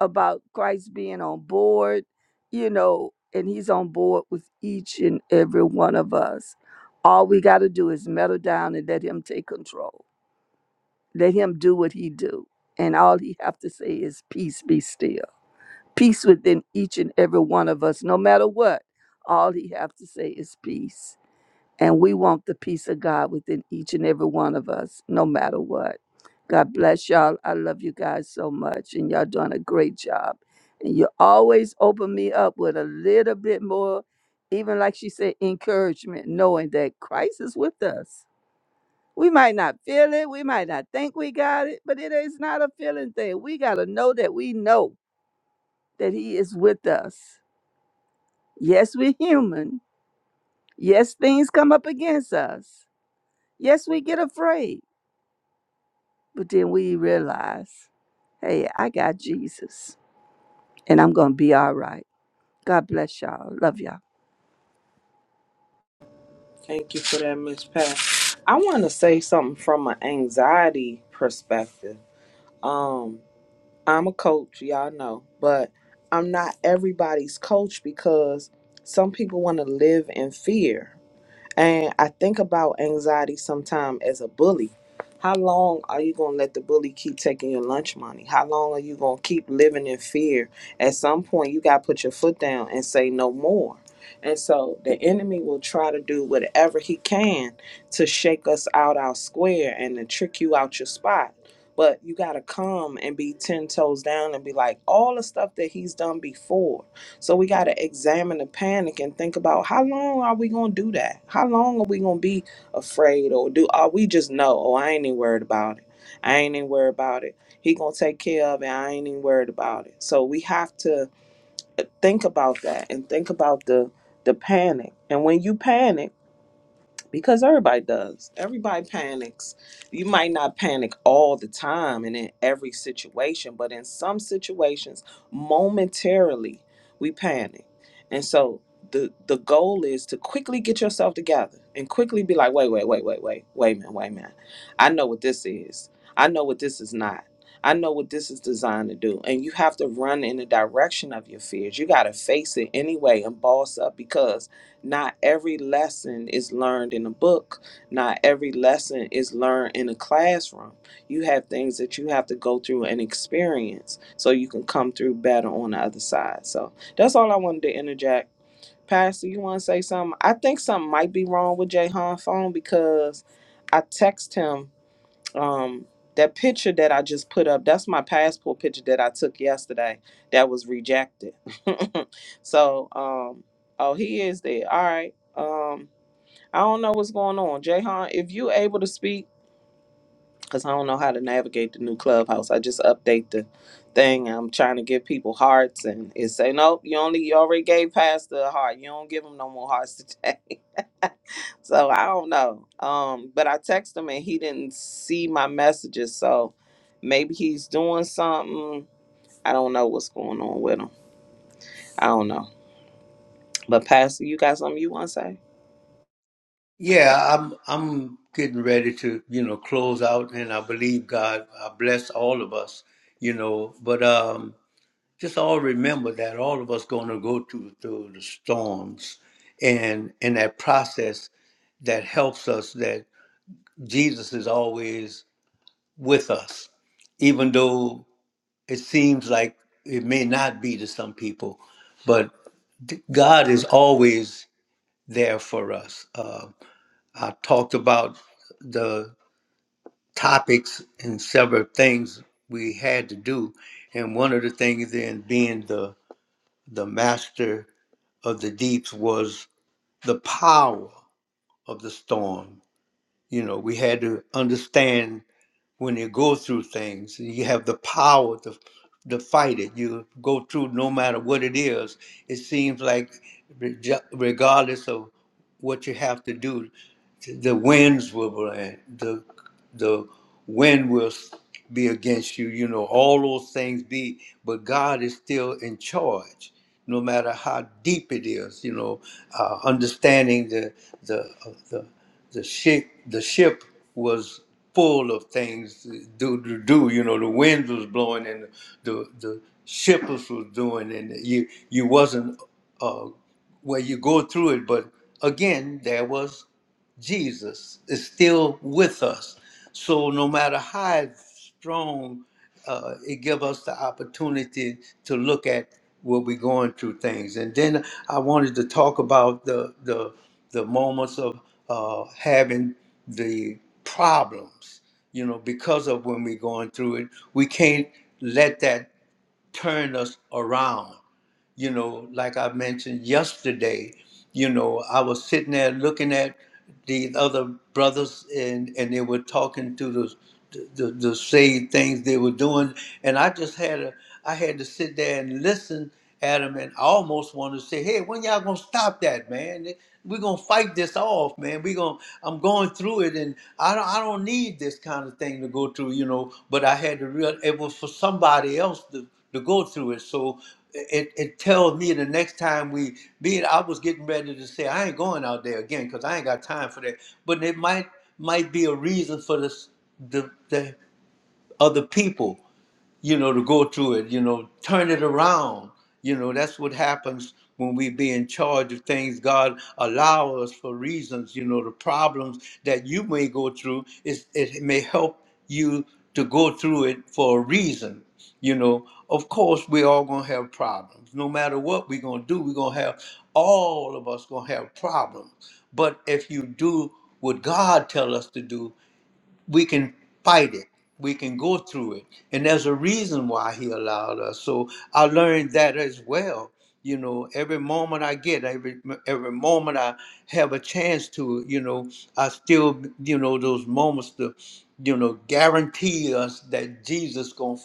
about Christ being on board, you know, and He's on board with each and every one of us. All we got to do is settle down and let Him take control. Let Him do what He do, and all He have to say is peace, be still. Peace within each and every one of us, no matter what. All He have to say is peace and we want the peace of God within each and every one of us, no matter what. God bless y'all. I love you guys so much, and y'all doing a great job. And you always open me up with a little bit more, even like she said, encouragement, knowing that Christ is with us. We might not feel it, we might not think we got it, but it is not a feeling thing. We got to know that we know that He is with us. Yes, we're human. Yes, things come up against us. Yes, we get afraid. But then we realize, hey, I got Jesus and I'm going to be all right. God bless y'all. Love y'all. thank you for that, Miss Pat. I wanna say something from an anxiety perspective. Um, I'm a coach, y'all know, but I'm not everybody's coach because some people wanna live in fear And I think about anxiety sometime as a bully. How long are you going to let the bully keep taking your lunch money? How long are you going to keep living in fear? At some point, you got to put your foot down and say no more. And so the enemy will try to do whatever he can to shake us out our square and to trick you out your spot. But you got to come and be 10 toes down and be like, all the stuff that he's done before so we got to examine the panic and think about how long are we going to do that? How long are we going to be afraid or do are we just know, oh, I ain't even worried about it. I ain't even worried about it. He going to take care of it. I ain't even worried about it. So we have to think about that and think about the the panic. And when you panic, because everybody does. Everybody panics. You might not panic all the time and in every situation, but in some situations, momentarily, we panic. And so the the goal is to quickly get yourself together and quickly be like, wait, wait, wait, wait, wait, wait a minute, wait a minute. I know what this is. I know what this is not. I know what this is designed to do. And you have to run in the direction of your fears. You got to face it anyway and boss up because not every lesson is learned in a book. Not every lesson is learned in a classroom. You have things that you have to go through and experience so you can come through better on the other side. So that's all I wanted to interject. Pastor, you want to say something? I think something might be wrong with Jay phone because I text him um that picture that I just put up, that's my passport picture that I took yesterday that was rejected. <laughs> so, um oh, he is there. All right. Um I don't know what's going on. Jayhan, if you able to speak cuz I don't know how to navigate the new clubhouse. I just update the thing. I'm trying to give people hearts and it say nope, you only you already gave Pastor a heart. You don't give him no more hearts today. <laughs> so I don't know. Um, but I texted him and he didn't see my messages. So maybe he's doing something. I don't know what's going on with him. I don't know. But Pastor, you got something you want to say? Yeah, I'm I'm getting ready to you know close out, and I believe God I bless all of us, you know. But um, just all remember that all of us going to go through through the storms and in that process that helps us that jesus is always with us even though it seems like it may not be to some people but d- god is always there for us uh, i talked about the topics and several things we had to do and one of the things in being the the master of the deeps was the power of the storm. You know, we had to understand when you go through things, you have the power to to fight it. You go through no matter what it is. It seems like, reg- regardless of what you have to do, the winds will blend. the the wind will be against you you know all those things be but god is still in charge no matter how deep it is you know uh, understanding the the uh, the the ship the ship was full of things to do, to do you know the wind was blowing and the the shippers was doing and you you wasn't uh well you go through it but again there was Jesus is still with us. So no matter how strong uh, it gives us the opportunity to look at what we're going through things. And then I wanted to talk about the the, the moments of uh, having the problems, you know, because of when we're going through it, we can't let that turn us around you know, like I mentioned yesterday, you know, I was sitting there looking at the other brothers and, and they were talking to the, the the same things they were doing, and I just had a I had to sit there and listen at them, and I almost wanted to say, hey, when y'all gonna stop that, man? We're gonna fight this off, man. We gonna I'm going through it, and I don't I don't need this kind of thing to go through, you know. But I had to real it was for somebody else to to go through it. So it, it tells me the next time we be it, I was getting ready to say I ain't going out there again because I ain't got time for that. But it might might be a reason for this the the other people you know, to go through it, you know, turn it around. You know, that's what happens when we be in charge of things God allow us for reasons, you know, the problems that you may go through is it may help you to go through it for a reason. You know, of course we all gonna have problems. No matter what we're gonna do, we're gonna have all of us gonna have problems. But if you do what God tell us to do, we can fight it. We can go through it. And there's a reason why he allowed us. So I learned that as well. You know, every moment I get, every every moment I have a chance to, you know, I still, you know, those moments to, you know, guarantee us that Jesus gonna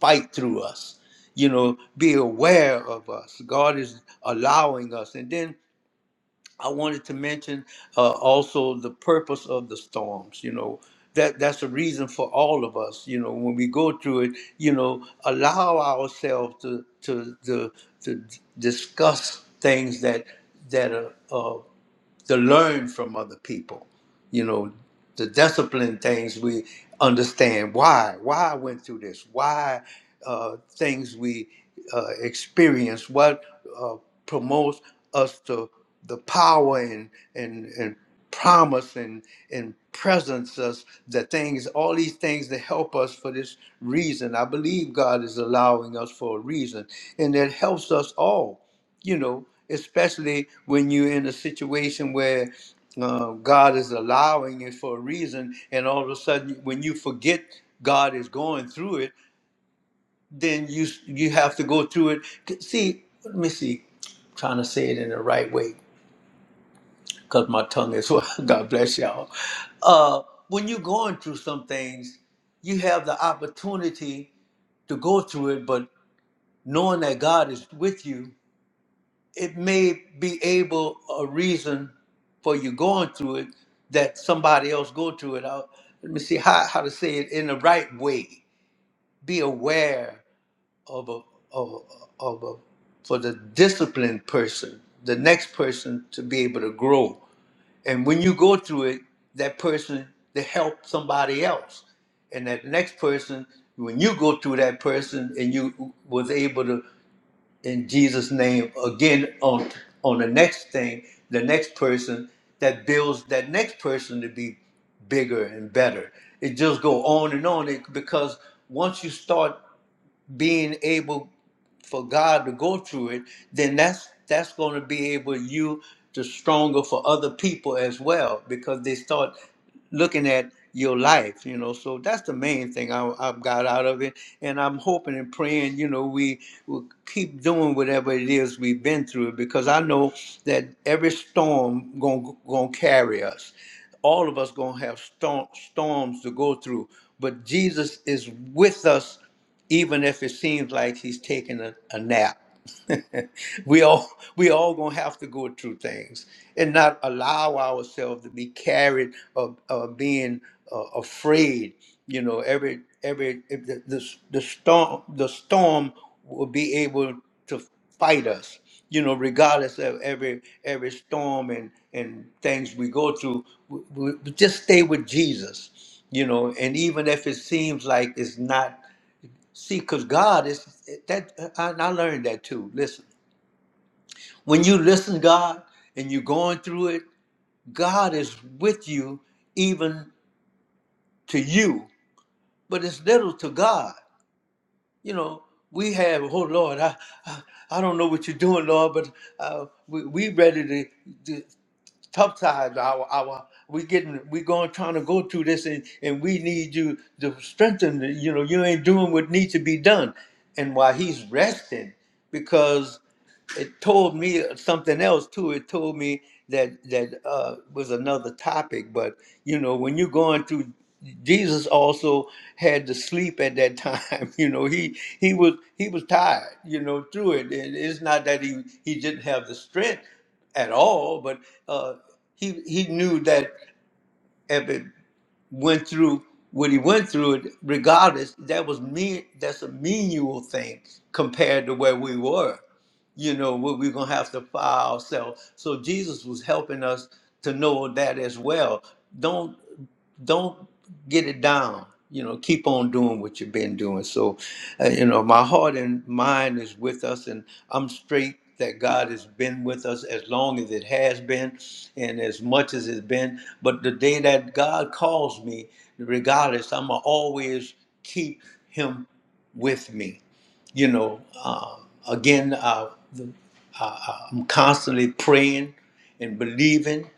fight through us. You know, be aware of us. God is allowing us, and then I wanted to mention uh, also the purpose of the storms. You know, that that's a reason for all of us. You know, when we go through it, you know, allow ourselves to to to, to discuss things that that are. uh, to learn from other people. You know, the discipline things we understand why, why I went through this, why uh, things we uh, experience, what uh, promotes us to the power and and and promise and and presence us the things all these things that help us for this reason i believe god is allowing us for a reason and it helps us all you know, especially when you're in a situation where uh, God is allowing it for a reason, and all of a sudden, when you forget God is going through it, then you you have to go through it. See, let me see, trying to say it in the right way because my tongue is. <laughs> well. God bless y'all. Uh, when you're going through some things, you have the opportunity to go through it, but knowing that God is with you, it may be able a reason for you going through it that somebody else go through it. I'll, let me see how, how to say it in the right way. Be aware of a, of, a- of a for the disciplined person, the next person to be able to grow. And when you go through it, that person to help somebody else, and that next person, when you go through that person and you was able to in Jesus' name. Again, on on the next thing, the next person that builds that next person to be bigger and better. It just go on and on it, because once you start being able for God to go through it, then that's that's going to be able you to stronger for other people as well because they start looking at your life, you know. So that's the main thing I, I've got out of it, and I'm hoping and praying, you know, we will keep doing whatever it is we've been through because I know that every storm gonna gonna carry us. All of us gonna have storm, storms to go through, but Jesus is with us, even if it seems like He's taking a, a nap. <laughs> we all we all gonna have to go through things and not allow ourselves to be carried of, of being uh, afraid you know every every if the, the, the storm the storm will be able to fight us you know regardless of every every storm and and things we go through we, we we just stay with jesus you know and even if it seems like it's not see because god is that and i learned that too when you listen, God, and you're going through it, God is with you, even to you. But it's little to God. You know, we have, oh Lord, I, I, I don't know what you're doing, Lord, but uh, we we ready to, to tough times. Our our we getting we going trying to go through this, and and we need you to strengthen. You know, you ain't doing what needs to be done, and while he's resting, it told me something else too. It told me that that uh, was another topic. But you know, when you're going through, Jesus also had to sleep at that time. <laughs> You know, he he was he was tired. You know, through it, and it's not that he he didn't have the strength at all, but uh, he he knew that if it went through what he went through, it regardless, that was mean. That's a menial thing compared to where we were you know, what we're going to have to file ourselves. So Jesus was helping us to know that as well. Don't don't get it down. You know, keep on doing what you've been doing. So, uh, you know, my heart and mind is with us, and I'm straight that God has been with us as long as it has been and as much as it's been. But the day that God calls me, regardless, I'm going to always keep Him with me you know, um, again, uh, the, uh, uh, I'm constantly praying and believing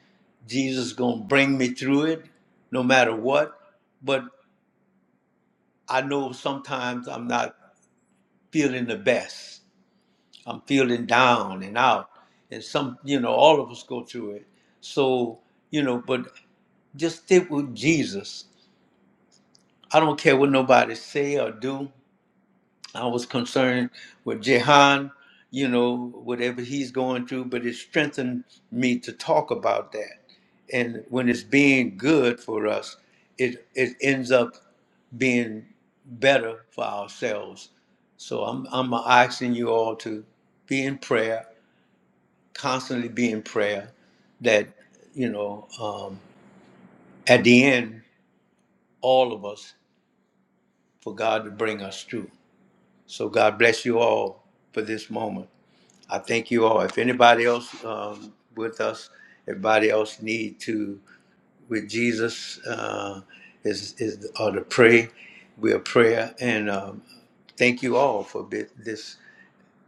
Jesus is going to bring me through it no matter what. But I know sometimes I'm not feeling the best. I'm feeling down and out. And some, you know, all of us go through it. So, you know, but just stick with Jesus. I don't care what nobody say or do. I was concerned with Jehan, you know, whatever he's going through, but it strengthened me to talk about that. And when it's being good for us, it it ends up being better for ourselves. So I'm I'm asking you all to be in prayer, constantly be in prayer, that you know, um, at the end, all of us for God to bring us through. So God bless you all for this moment. I thank you all. If anybody else um, with us, everybody else need to with Jesus uh, is is or to pray. We're prayer and um, thank you all for bi- this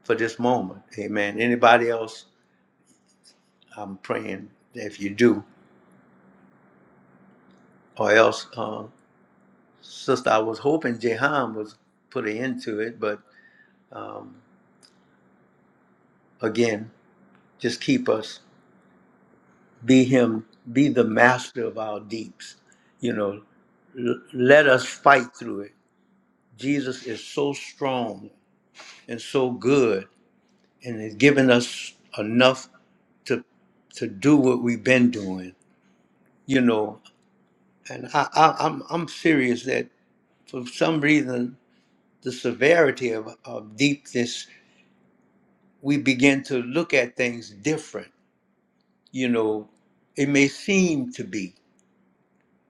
for this moment. Amen. Anybody else? I'm praying if you do, or else, uh, sister. I was hoping Jehan was put an end to it, but um, again, just keep us. be him be the master of our deeps you know L- let us fight through it jesus is so strong and so good and has given us enough to to do what we've been doing you know and i, I i'm i'm serious that for some reason the severity of, of deepness we begin to look at things different you know it may seem to be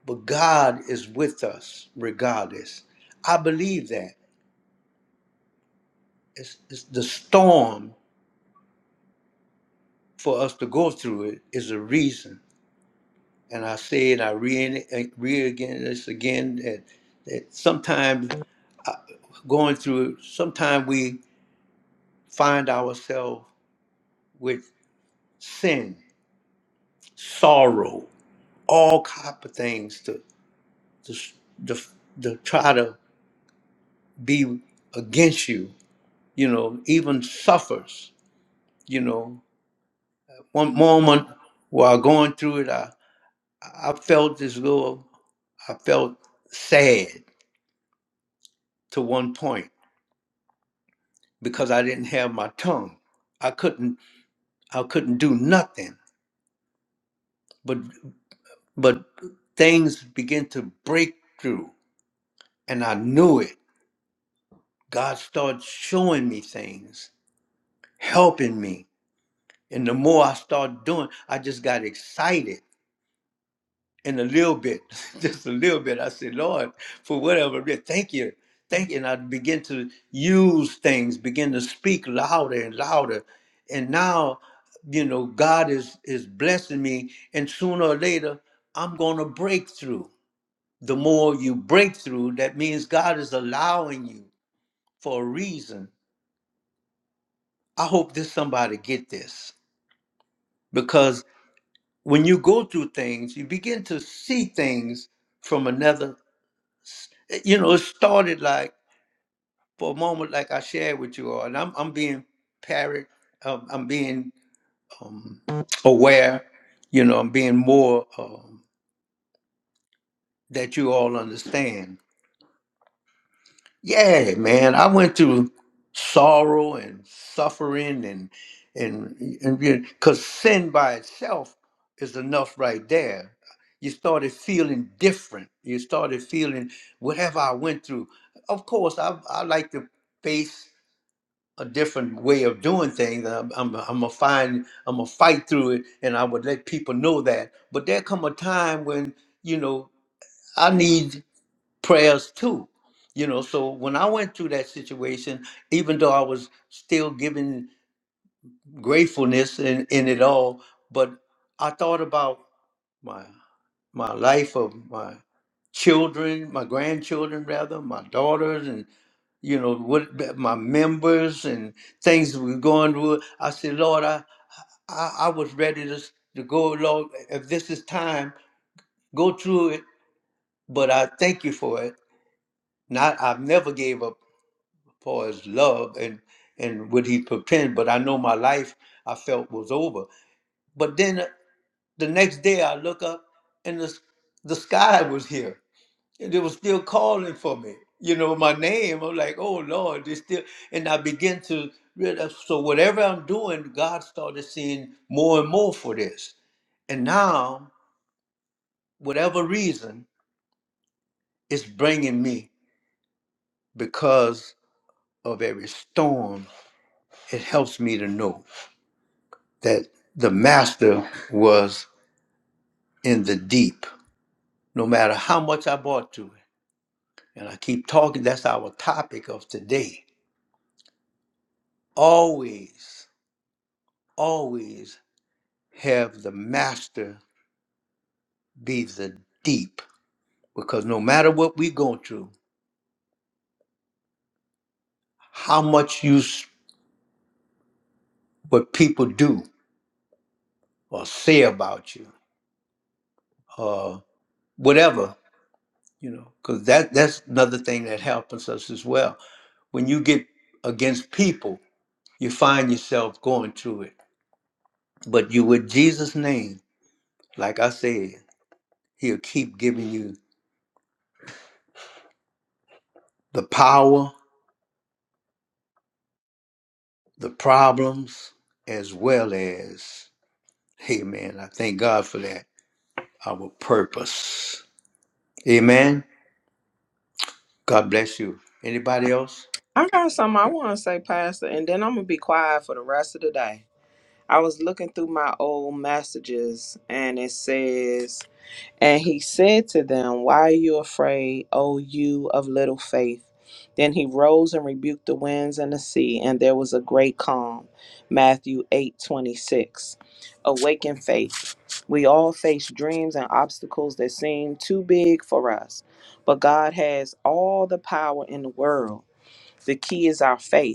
but God is with us regardless. I believe that. It's, it's the storm for us to go through it is a reason. And I say it, I re, re again this again that, that sometimes uh, going through it, sometimes we find ourselves with sin, sorrow, all kind of things to, to, to, to try to be against you, you know, even suffers, you know. one moment while going through it, I, I felt this little, I felt sad to one point because I didn't have my tongue. I couldn't, I couldn't do nothing. But, but things began to break through, and I knew it. God started showing me things, helping me. And the more I started doing, I just got excited in a little bit, <laughs> just a little bit. I said, Lord, for whatever, re- thank you. Thank you. And I begin to use things, begin to speak louder and louder. And now, you know, God is is blessing me. And sooner or later, I'm gonna break through. The more you break through, that means God is allowing you for a reason. I hope this somebody get this. Because when you go through things, you begin to see things from another. eh, You know, it started like for a moment like I shared with you all, and I'm I'm being parrot. um, I'm being aware, you know, I'm being more um, that you all understand. Yeah, man, I went through sorrow and suffering and and and because sin by itself is enough right there. You started feeling different. You started feeling whatever I went through. Of course, I I like to face. a different way of doing things. I'm, I'm, I'm gonna find, I'm gonna fight through it, and I would let people know that. But there come a time when you know I need prayers too. You know, so when I went through that situation, even though I was still giving gratefulness in, in it all, but I thought about my my life of my children, my grandchildren rather, my daughters, you know what my members and things were going through i said lord i i, I was ready to, to go lord if this is time go through it but i thank you for it not i give up for his love and and what he pretend but i know my life i felt was over but then the next day i look up and the, the sky was here they were still calling for me. You know, my name. I'm like, oh Lord, they still and I begin to realize so whatever I'm doing, God started seeing more and more for this. And now, whatever reason, it's bringing me because of every storm. It helps me to know that the master was in the deep, no matter how much I bought to it. And I keep talking, that's our topic of today. Always, always have the master be the deep because no matter what we're going through how much you what people do or say about you or whatever you know because that that's another thing that happens us as well when you get against people you find yourself going through it but you with jesus name like i said he'll keep giving you the power the problems as well as Amen. I thank God for that our purpose. Amen. God bless you. Anybody else? I got something I want to say, Pastor, and then I'm gonna be quiet for the rest of the day. I was looking through my old messages and it says And he said to them, Why are you afraid, O you of little faith? Then he rose and rebuked the winds and the sea, and there was a great calm. Matthew eight twenty six. Awaken faith. We all face dreams and obstacles that seem too big for us, but God has all the power in the world. The key is our faith.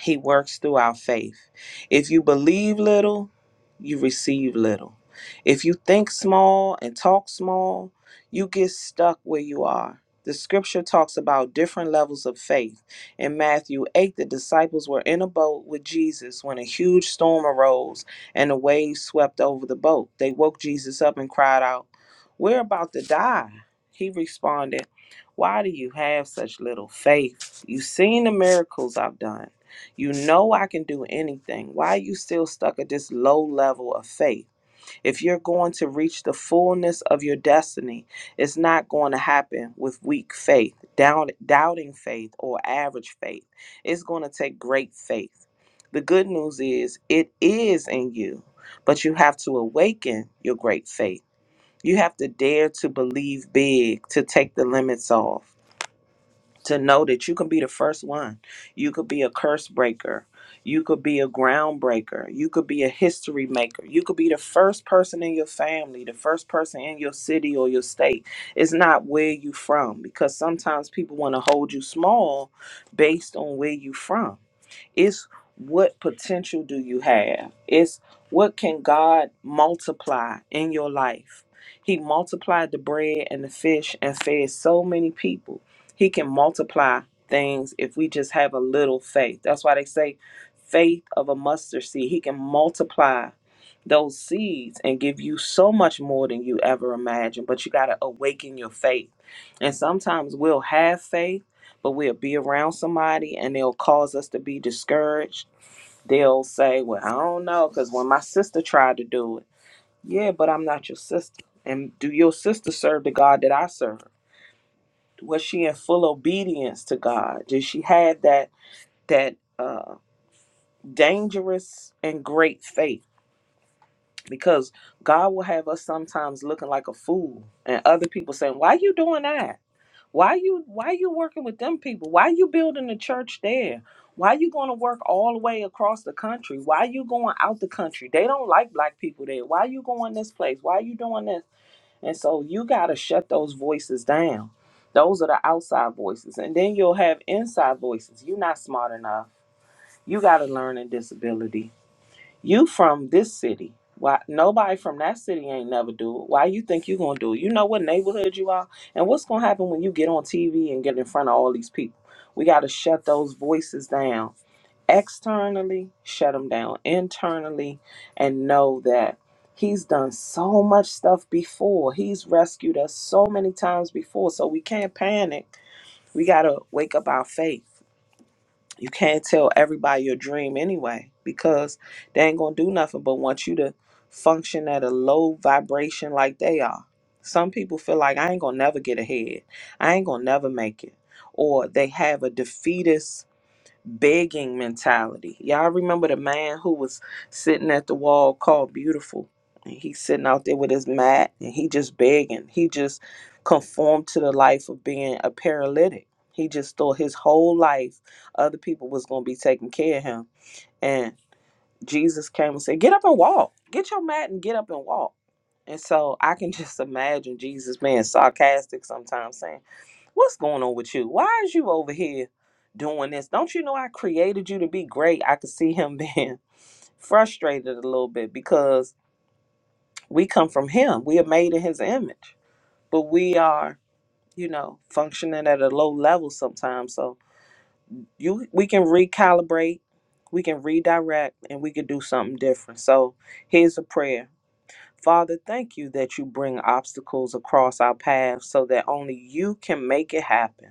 He works through our faith. If you believe little, you receive little. If you think small and talk small, you get stuck where you are. The scripture talks about different levels of faith. In Matthew 8, the disciples were in a boat with Jesus when a huge storm arose and the waves swept over the boat. They woke Jesus up and cried out, We're about to die. He responded, Why do you have such little faith? You've seen the miracles I've done. You know I can do anything. Why are you still stuck at this low level of faith? If you're going to reach the fullness of your destiny, it's not going to happen with weak faith, doubt, doubting faith, or average faith. It's going to take great faith. The good news is it is in you, but you have to awaken your great faith. You have to dare to believe big, to take the limits off to know that you can be the first one. You could be a curse breaker. You could be a ground breaker. You could be a history maker. You could be the first person in your family, the first person in your city or your state. It's not where you from because sometimes people want to hold you small based on where you from. It's what potential do you have? It's what can God multiply in your life? He multiplied the bread and the fish and fed so many people. He can multiply things if we just have a little faith. That's why they say faith of a mustard seed. He can multiply those seeds and give you so much more than you ever imagined, but you got to awaken your faith. And sometimes we'll have faith but we'll be around somebody and they'll cause us to be discouraged. They'll say, Well, I don't know, because when my sister tried to do it, yeah, but I'm not your sister. And do your sister serve the God that I serve? Was she in full obedience to God? Did she have that that uh, dangerous and great faith? Because God will have us sometimes looking like a fool, and other people saying, "Why you doing that?" Why you why you working with them people? Why you building a church there? Why you going to work all the way across the country? Why you going out the country? They don't like black people there. Why you going this place? Why you doing this? And so you got to shut those voices down. Those are the outside voices. And then you'll have inside voices. You're not smart enough. You got a learning disability you from this city. Why nobody from that city ain't never do it. Why you think you gonna do it? You know what neighborhood you are? And what's gonna happen when you get on TV and get in front of all these people? We gotta shut those voices down externally, shut them down internally, and know that he's done so much stuff before. He's rescued us so many times before. So we can't panic. We gotta wake up our faith you can't tell everybody your dream anyway because they ain't gonna do nothing but want you to function at a low vibration like they are. Some people feel like I ain't gonna never get ahead. I ain't gonna never make it. Or they have a defeatist begging mentality. Y'all remember the man who was sitting at the wall called Beautiful? And he's sitting out there with his mat and he just begging. He just conformed to the life of being a paralytic. He just thought his whole life other people was gonna be taking care of him. And Jesus came and said, Get up and walk. Get your mat and get up and walk. And so I can <laughs> just imagine Jesus being sarcastic sometimes saying, What's going on with you? Why is you over here doing this? Don't you know I created you to be great? I could see him being <laughs> frustrated a little bit because we come from him. We are made in his image, but we are, you know, functioning at a low level sometimes. So you, we can recalibrate, we can redirect, and we can do something different. So here's a prayer. Father, thank you that you bring obstacles across our path so that only you can make it happen.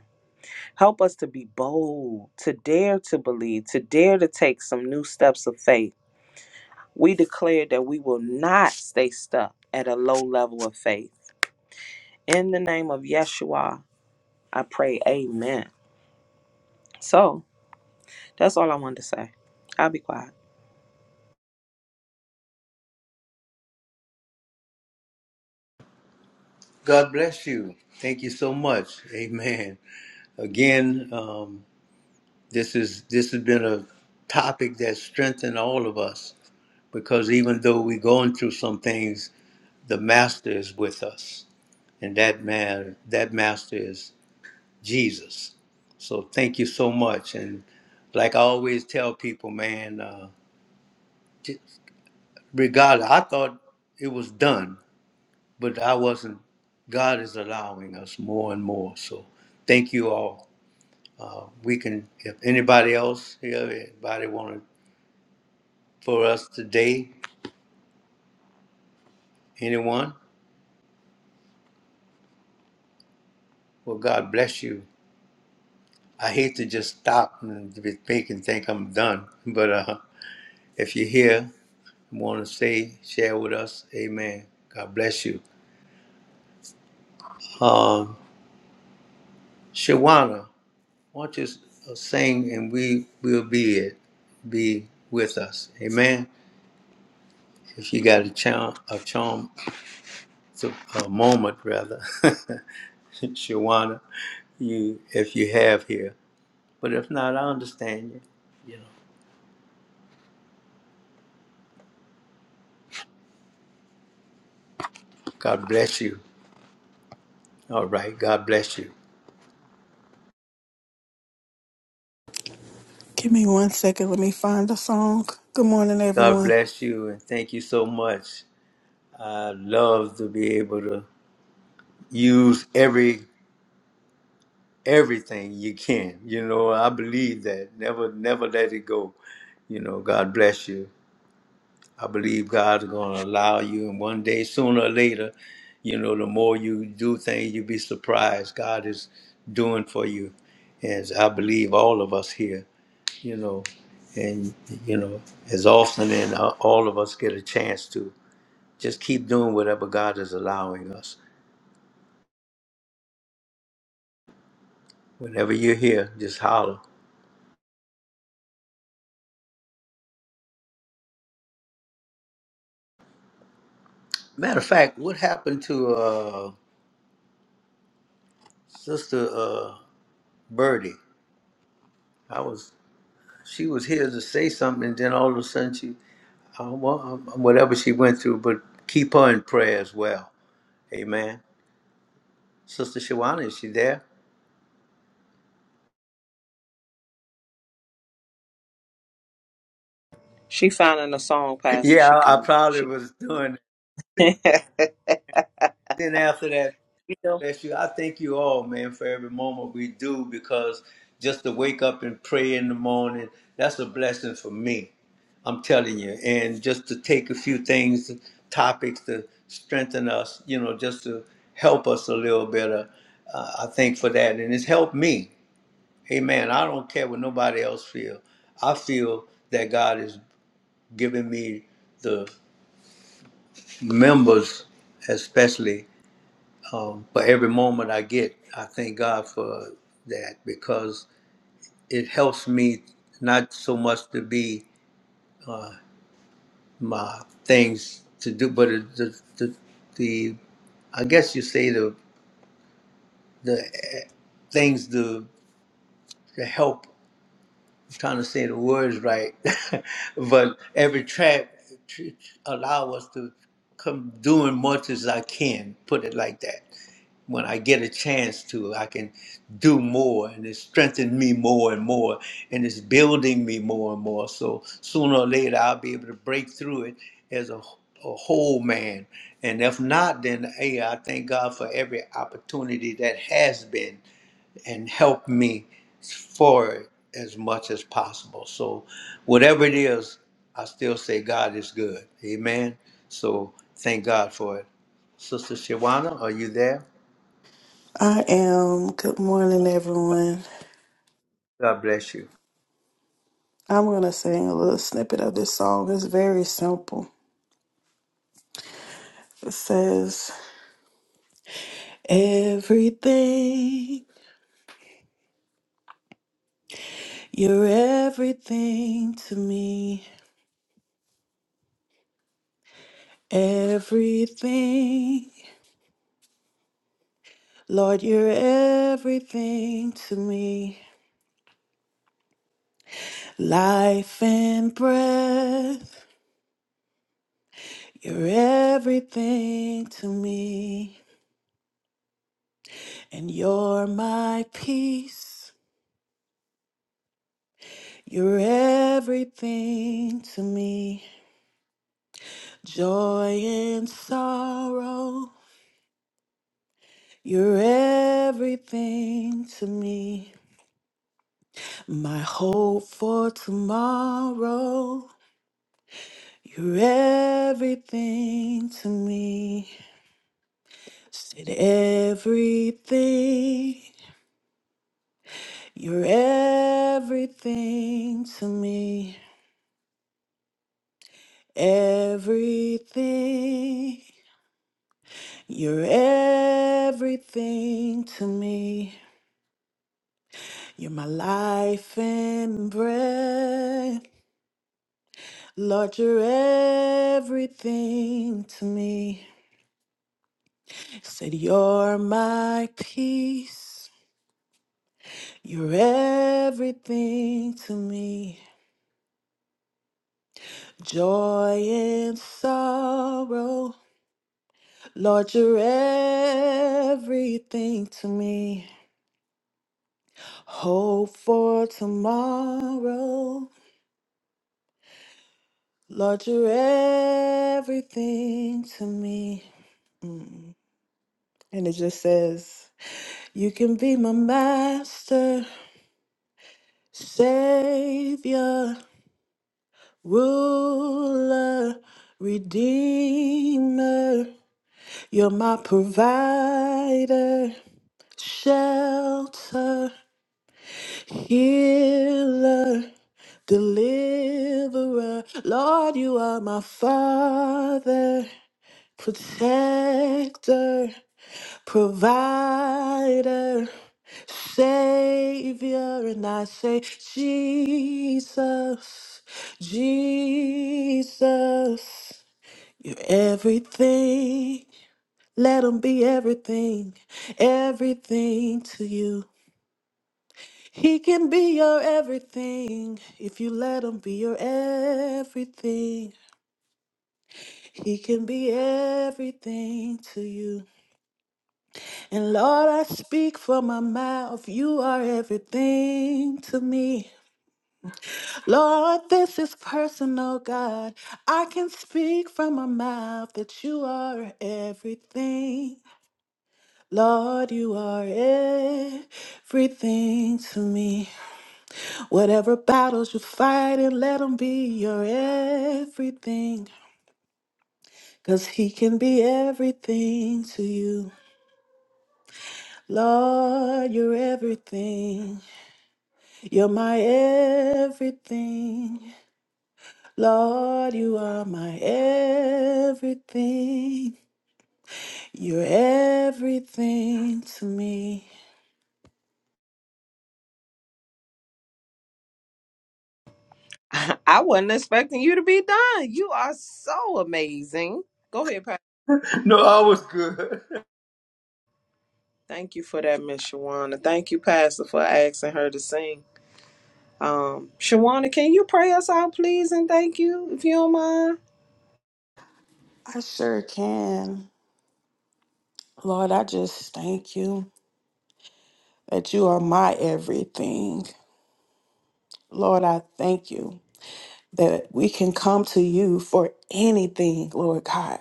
Help us to be bold, to dare to believe, to dare to take some new steps of faith. We declare that we will not stay stuck at a low level of faith. In the name of Yeshua, I pray, Amen. So that's all I wanted to say. I'll be quiet. God bless you. Thank you so much. Amen. Again, um, this is this has been a topic that strengthened all of us because even though we're going through some things, the Master is with us, and that man, that Master is Jesus. So thank you so much. And like I always tell people, man, uh, regardless, I thought it was done. but I wasn't. God is allowing us more and more. So thank you all. Uh, we can, if anybody else here, anybody wanted for us today, anyone, well, God bless you. I hate to just stop and to be thinking, think I'm done. But uh, if you're here, want to say, share with us, amen. God bless you. Um, Shawana, why don't you s- uh, sing and we will be it, be with us. Amen. If you got a charm, a charm, so, a moment rather, <laughs> Shawana, you if you have here. But if not, I understand you. You know, God bless you. All right, God bless you. Give me one second. Let me find the song. Good morning, God everyone. bless you, and thank you so much. I love to be able to use every everything you can. You know, I believe that. Never, never let it go. You know, God bless you. I believe God's going to allow you, and one day, sooner or later, you know, the more you do things, you'll be surprised. God is doing for you, as I believe all of us here, you know, and you know, as often and all of us get a chance to just keep doing whatever God is allowing us. Whenever you're here, just holler. Matter of fact, what happened to uh, Sister uh, Birdie? I was she was here to say something, and then all of a sudden she Uh, well, um, whatever she went through, but keep her in prayer as well. Amen. Sister Shawana, is she there? She finding a song, <laughs> Pastor. yeah, She I, I coming. probably She. was doing. it. <laughs> you Then after that, know, bless you. I thank you all, man, for every moment we do because just to wake up and pray in the morning, that's a blessing for me. I'm telling you. And just to take a few things, topics to strengthen us, you know, just to help us a little better. Uh, I thank for that. And it's helped me Amen. I don't care what nobody else feel. I feel that God is giving me the members, especially um, for every moment I get. I thank God for that because it helps me not so much to be my things to do, but it- the the, the I guess you say the the things to, to help trying to say the words right, <laughs> but every track tr- allow us to come doing much as I can. Put it like that. When I get a chance to, I can do more, and it's strengthening me more and more, and it's building me more and more. So sooner or later, I'll be able to break through it as a a whole man. And if not, then hey, I thank God for every opportunity that has been and help me forward as much as possible. So, whatever it is, I still say God is good. Amen. So, thank God for it. Sister Shawana, are you there? I am. Good morning, everyone. God bless you. <laughs> I'm going to sing a little snippet of this song. It's very simple. It says, Everything, you're everything to me. Everything, Lord, you're everything to me. Life and breath, you're everything to me. And you're my peace. You're everything to me. Joy and sorrow. You're everything to me. My hope for tomorrow. You're everything to me. Said everything. You're everything to me. Everything. You're everything to me. You're my life and breath. Lord, you're everything to me. Said you're my peace. You're everything to me. Joy and sorrow. Lord, you're everything to me. Hope for tomorrow. Lord, you're everything to me. And it just says, You can be my master, savior, ruler, redeemer. You're my provider, shelter, healer, deliverer. Lord, you are my father, protector. Provider, Savior, and I say, Jesus, Jesus, you're everything. Let him be everything, everything to you. He can be your everything if you let him be your everything. He can be everything to you. And Lord, I speak from my mouth. You are everything to me. Lord, this is personal, God. I can speak from my mouth that you are everything. Lord, you are everything to me. Whatever battles you're fighting, let them be your everything. Cause he can be everything to you. Lord, you're everything. You're my everything. Lord, you are my everything. You're everything to me. I I wasn't expecting you to be done. You are so amazing. Go ahead, Pastor. No, I was good. Thank you for that, Miss Shawana. Thank you, Pastor, for asking her to sing. Um, Shawana, can you pray us out, please, and thank you, if you don't mind? I sure can. Lord, I just thank you that you are my everything. Lord, I thank you that we can come to you for anything, Lord God.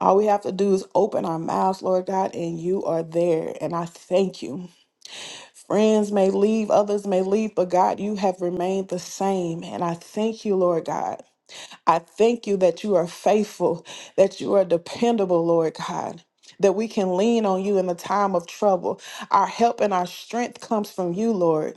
All we have to do is open our mouths, Lord God, and you are there. And I thank you. Friends may leave, others may leave, but God, you have remained the same. And I thank you, Lord God. I thank you that you are faithful, that you are dependable, Lord God. That we can lean on you in the time of trouble. Our help and our strength comes from you, Lord.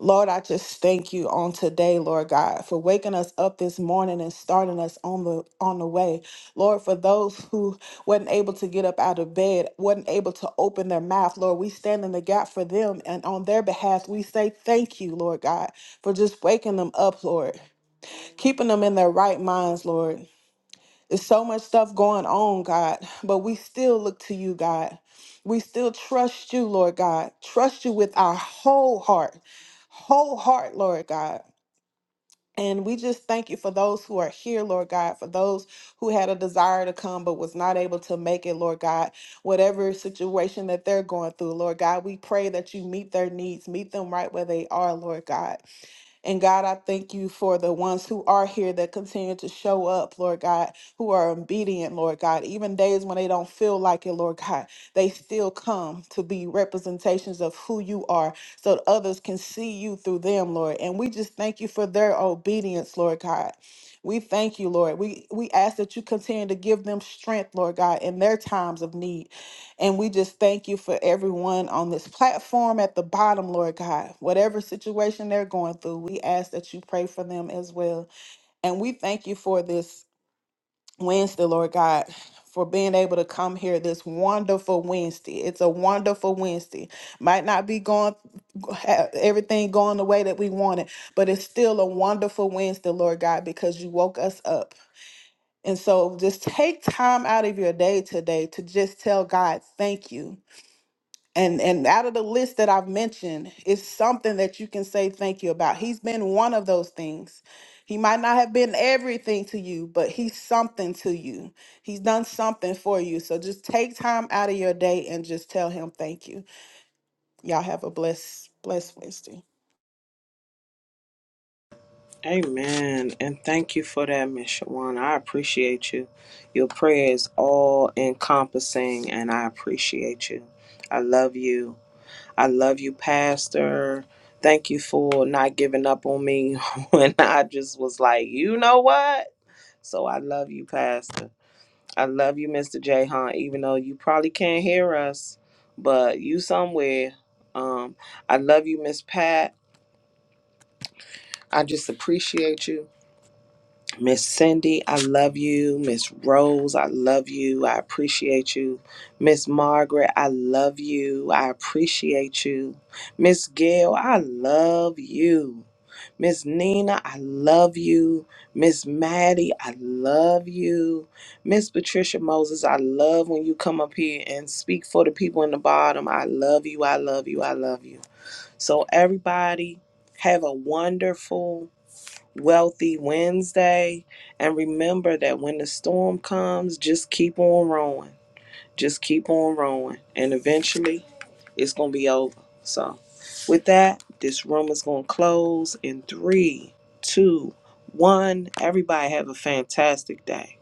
Lord, I just thank you on today, Lord God, for waking us up this morning and starting us on the on the way. Lord, for those who wasn't able to get up out of bed, wasn't able to open their mouth, Lord, we stand in the gap for them and on their behalf we say thank you, Lord God, for just waking them up, Lord, keeping them in their right minds, Lord. There's so much stuff going on, God, but we still look to you, God. We still trust you, Lord God. Trust you with our whole heart, whole heart, Lord God. And we just thank you for those who are here, Lord God, for those who had a desire to come but was not able to make it, Lord God. Whatever situation that they're going through, Lord God, we pray that you meet their needs, meet them right where they are, Lord God. And God, I thank you for the ones who are here that continue to show up, Lord God, who are obedient, Lord God. Even days when they don't feel like it, Lord God, they still come to be representations of who you are so that others can see you through them, Lord. And we just thank you for their obedience, Lord God. We thank you, Lord. We we ask that you continue to give them strength, Lord God, in their times of need. And we just thank you for everyone on this platform at the bottom, Lord God. Whatever situation they're going through, we ask that you pray for them as well. And we thank you for this Wednesday, Lord God, for being able to come here this wonderful Wednesday. It's a wonderful Wednesday. Might not be going have everything going the way that we wanted, but it's still a wonderful Wednesday, Lord God, because you woke us up. And so just take time out of your day today to just tell God, thank you and and out of the list that I've mentioned it's something that you can say thank you about. He's been one of those things. He might not have been everything to you, but he's something to you. He's done something for you. So just take time out of your day and just tell him thank you. Y'all have a blessed blessed Wednesday. Amen. And thank you for that, Miss Shawana. I appreciate you. Your prayer is all encompassing, and I appreciate you. I love you. I love you, Pastor. Thank you for not giving up on me <laughs> when I just was like, you know what? So I love you, Pastor. I love you, Mr. J. Hunt, even though you probably can't hear us, but you somewhere. Um, I love you, Miss Pat. I just appreciate you. Miss Cindy, I love you. Miss Rose, I love you. I appreciate you. Miss Margaret, I love you. I appreciate you. Miss Gail, I love you. Miss Nina, I love you. Miss Maddie, I love you. Miss Patricia Moses, I love when you come up here and speak for the people in the bottom. I love you. I love you. I love you. So, everybody, have a wonderful Wealthy Wednesday. And remember that when the storm comes, just keep on rowing. Just keep on rowing. And eventually it's going to be over. So, with that, this room is going to close in three, two, one. Everybody have a fantastic day.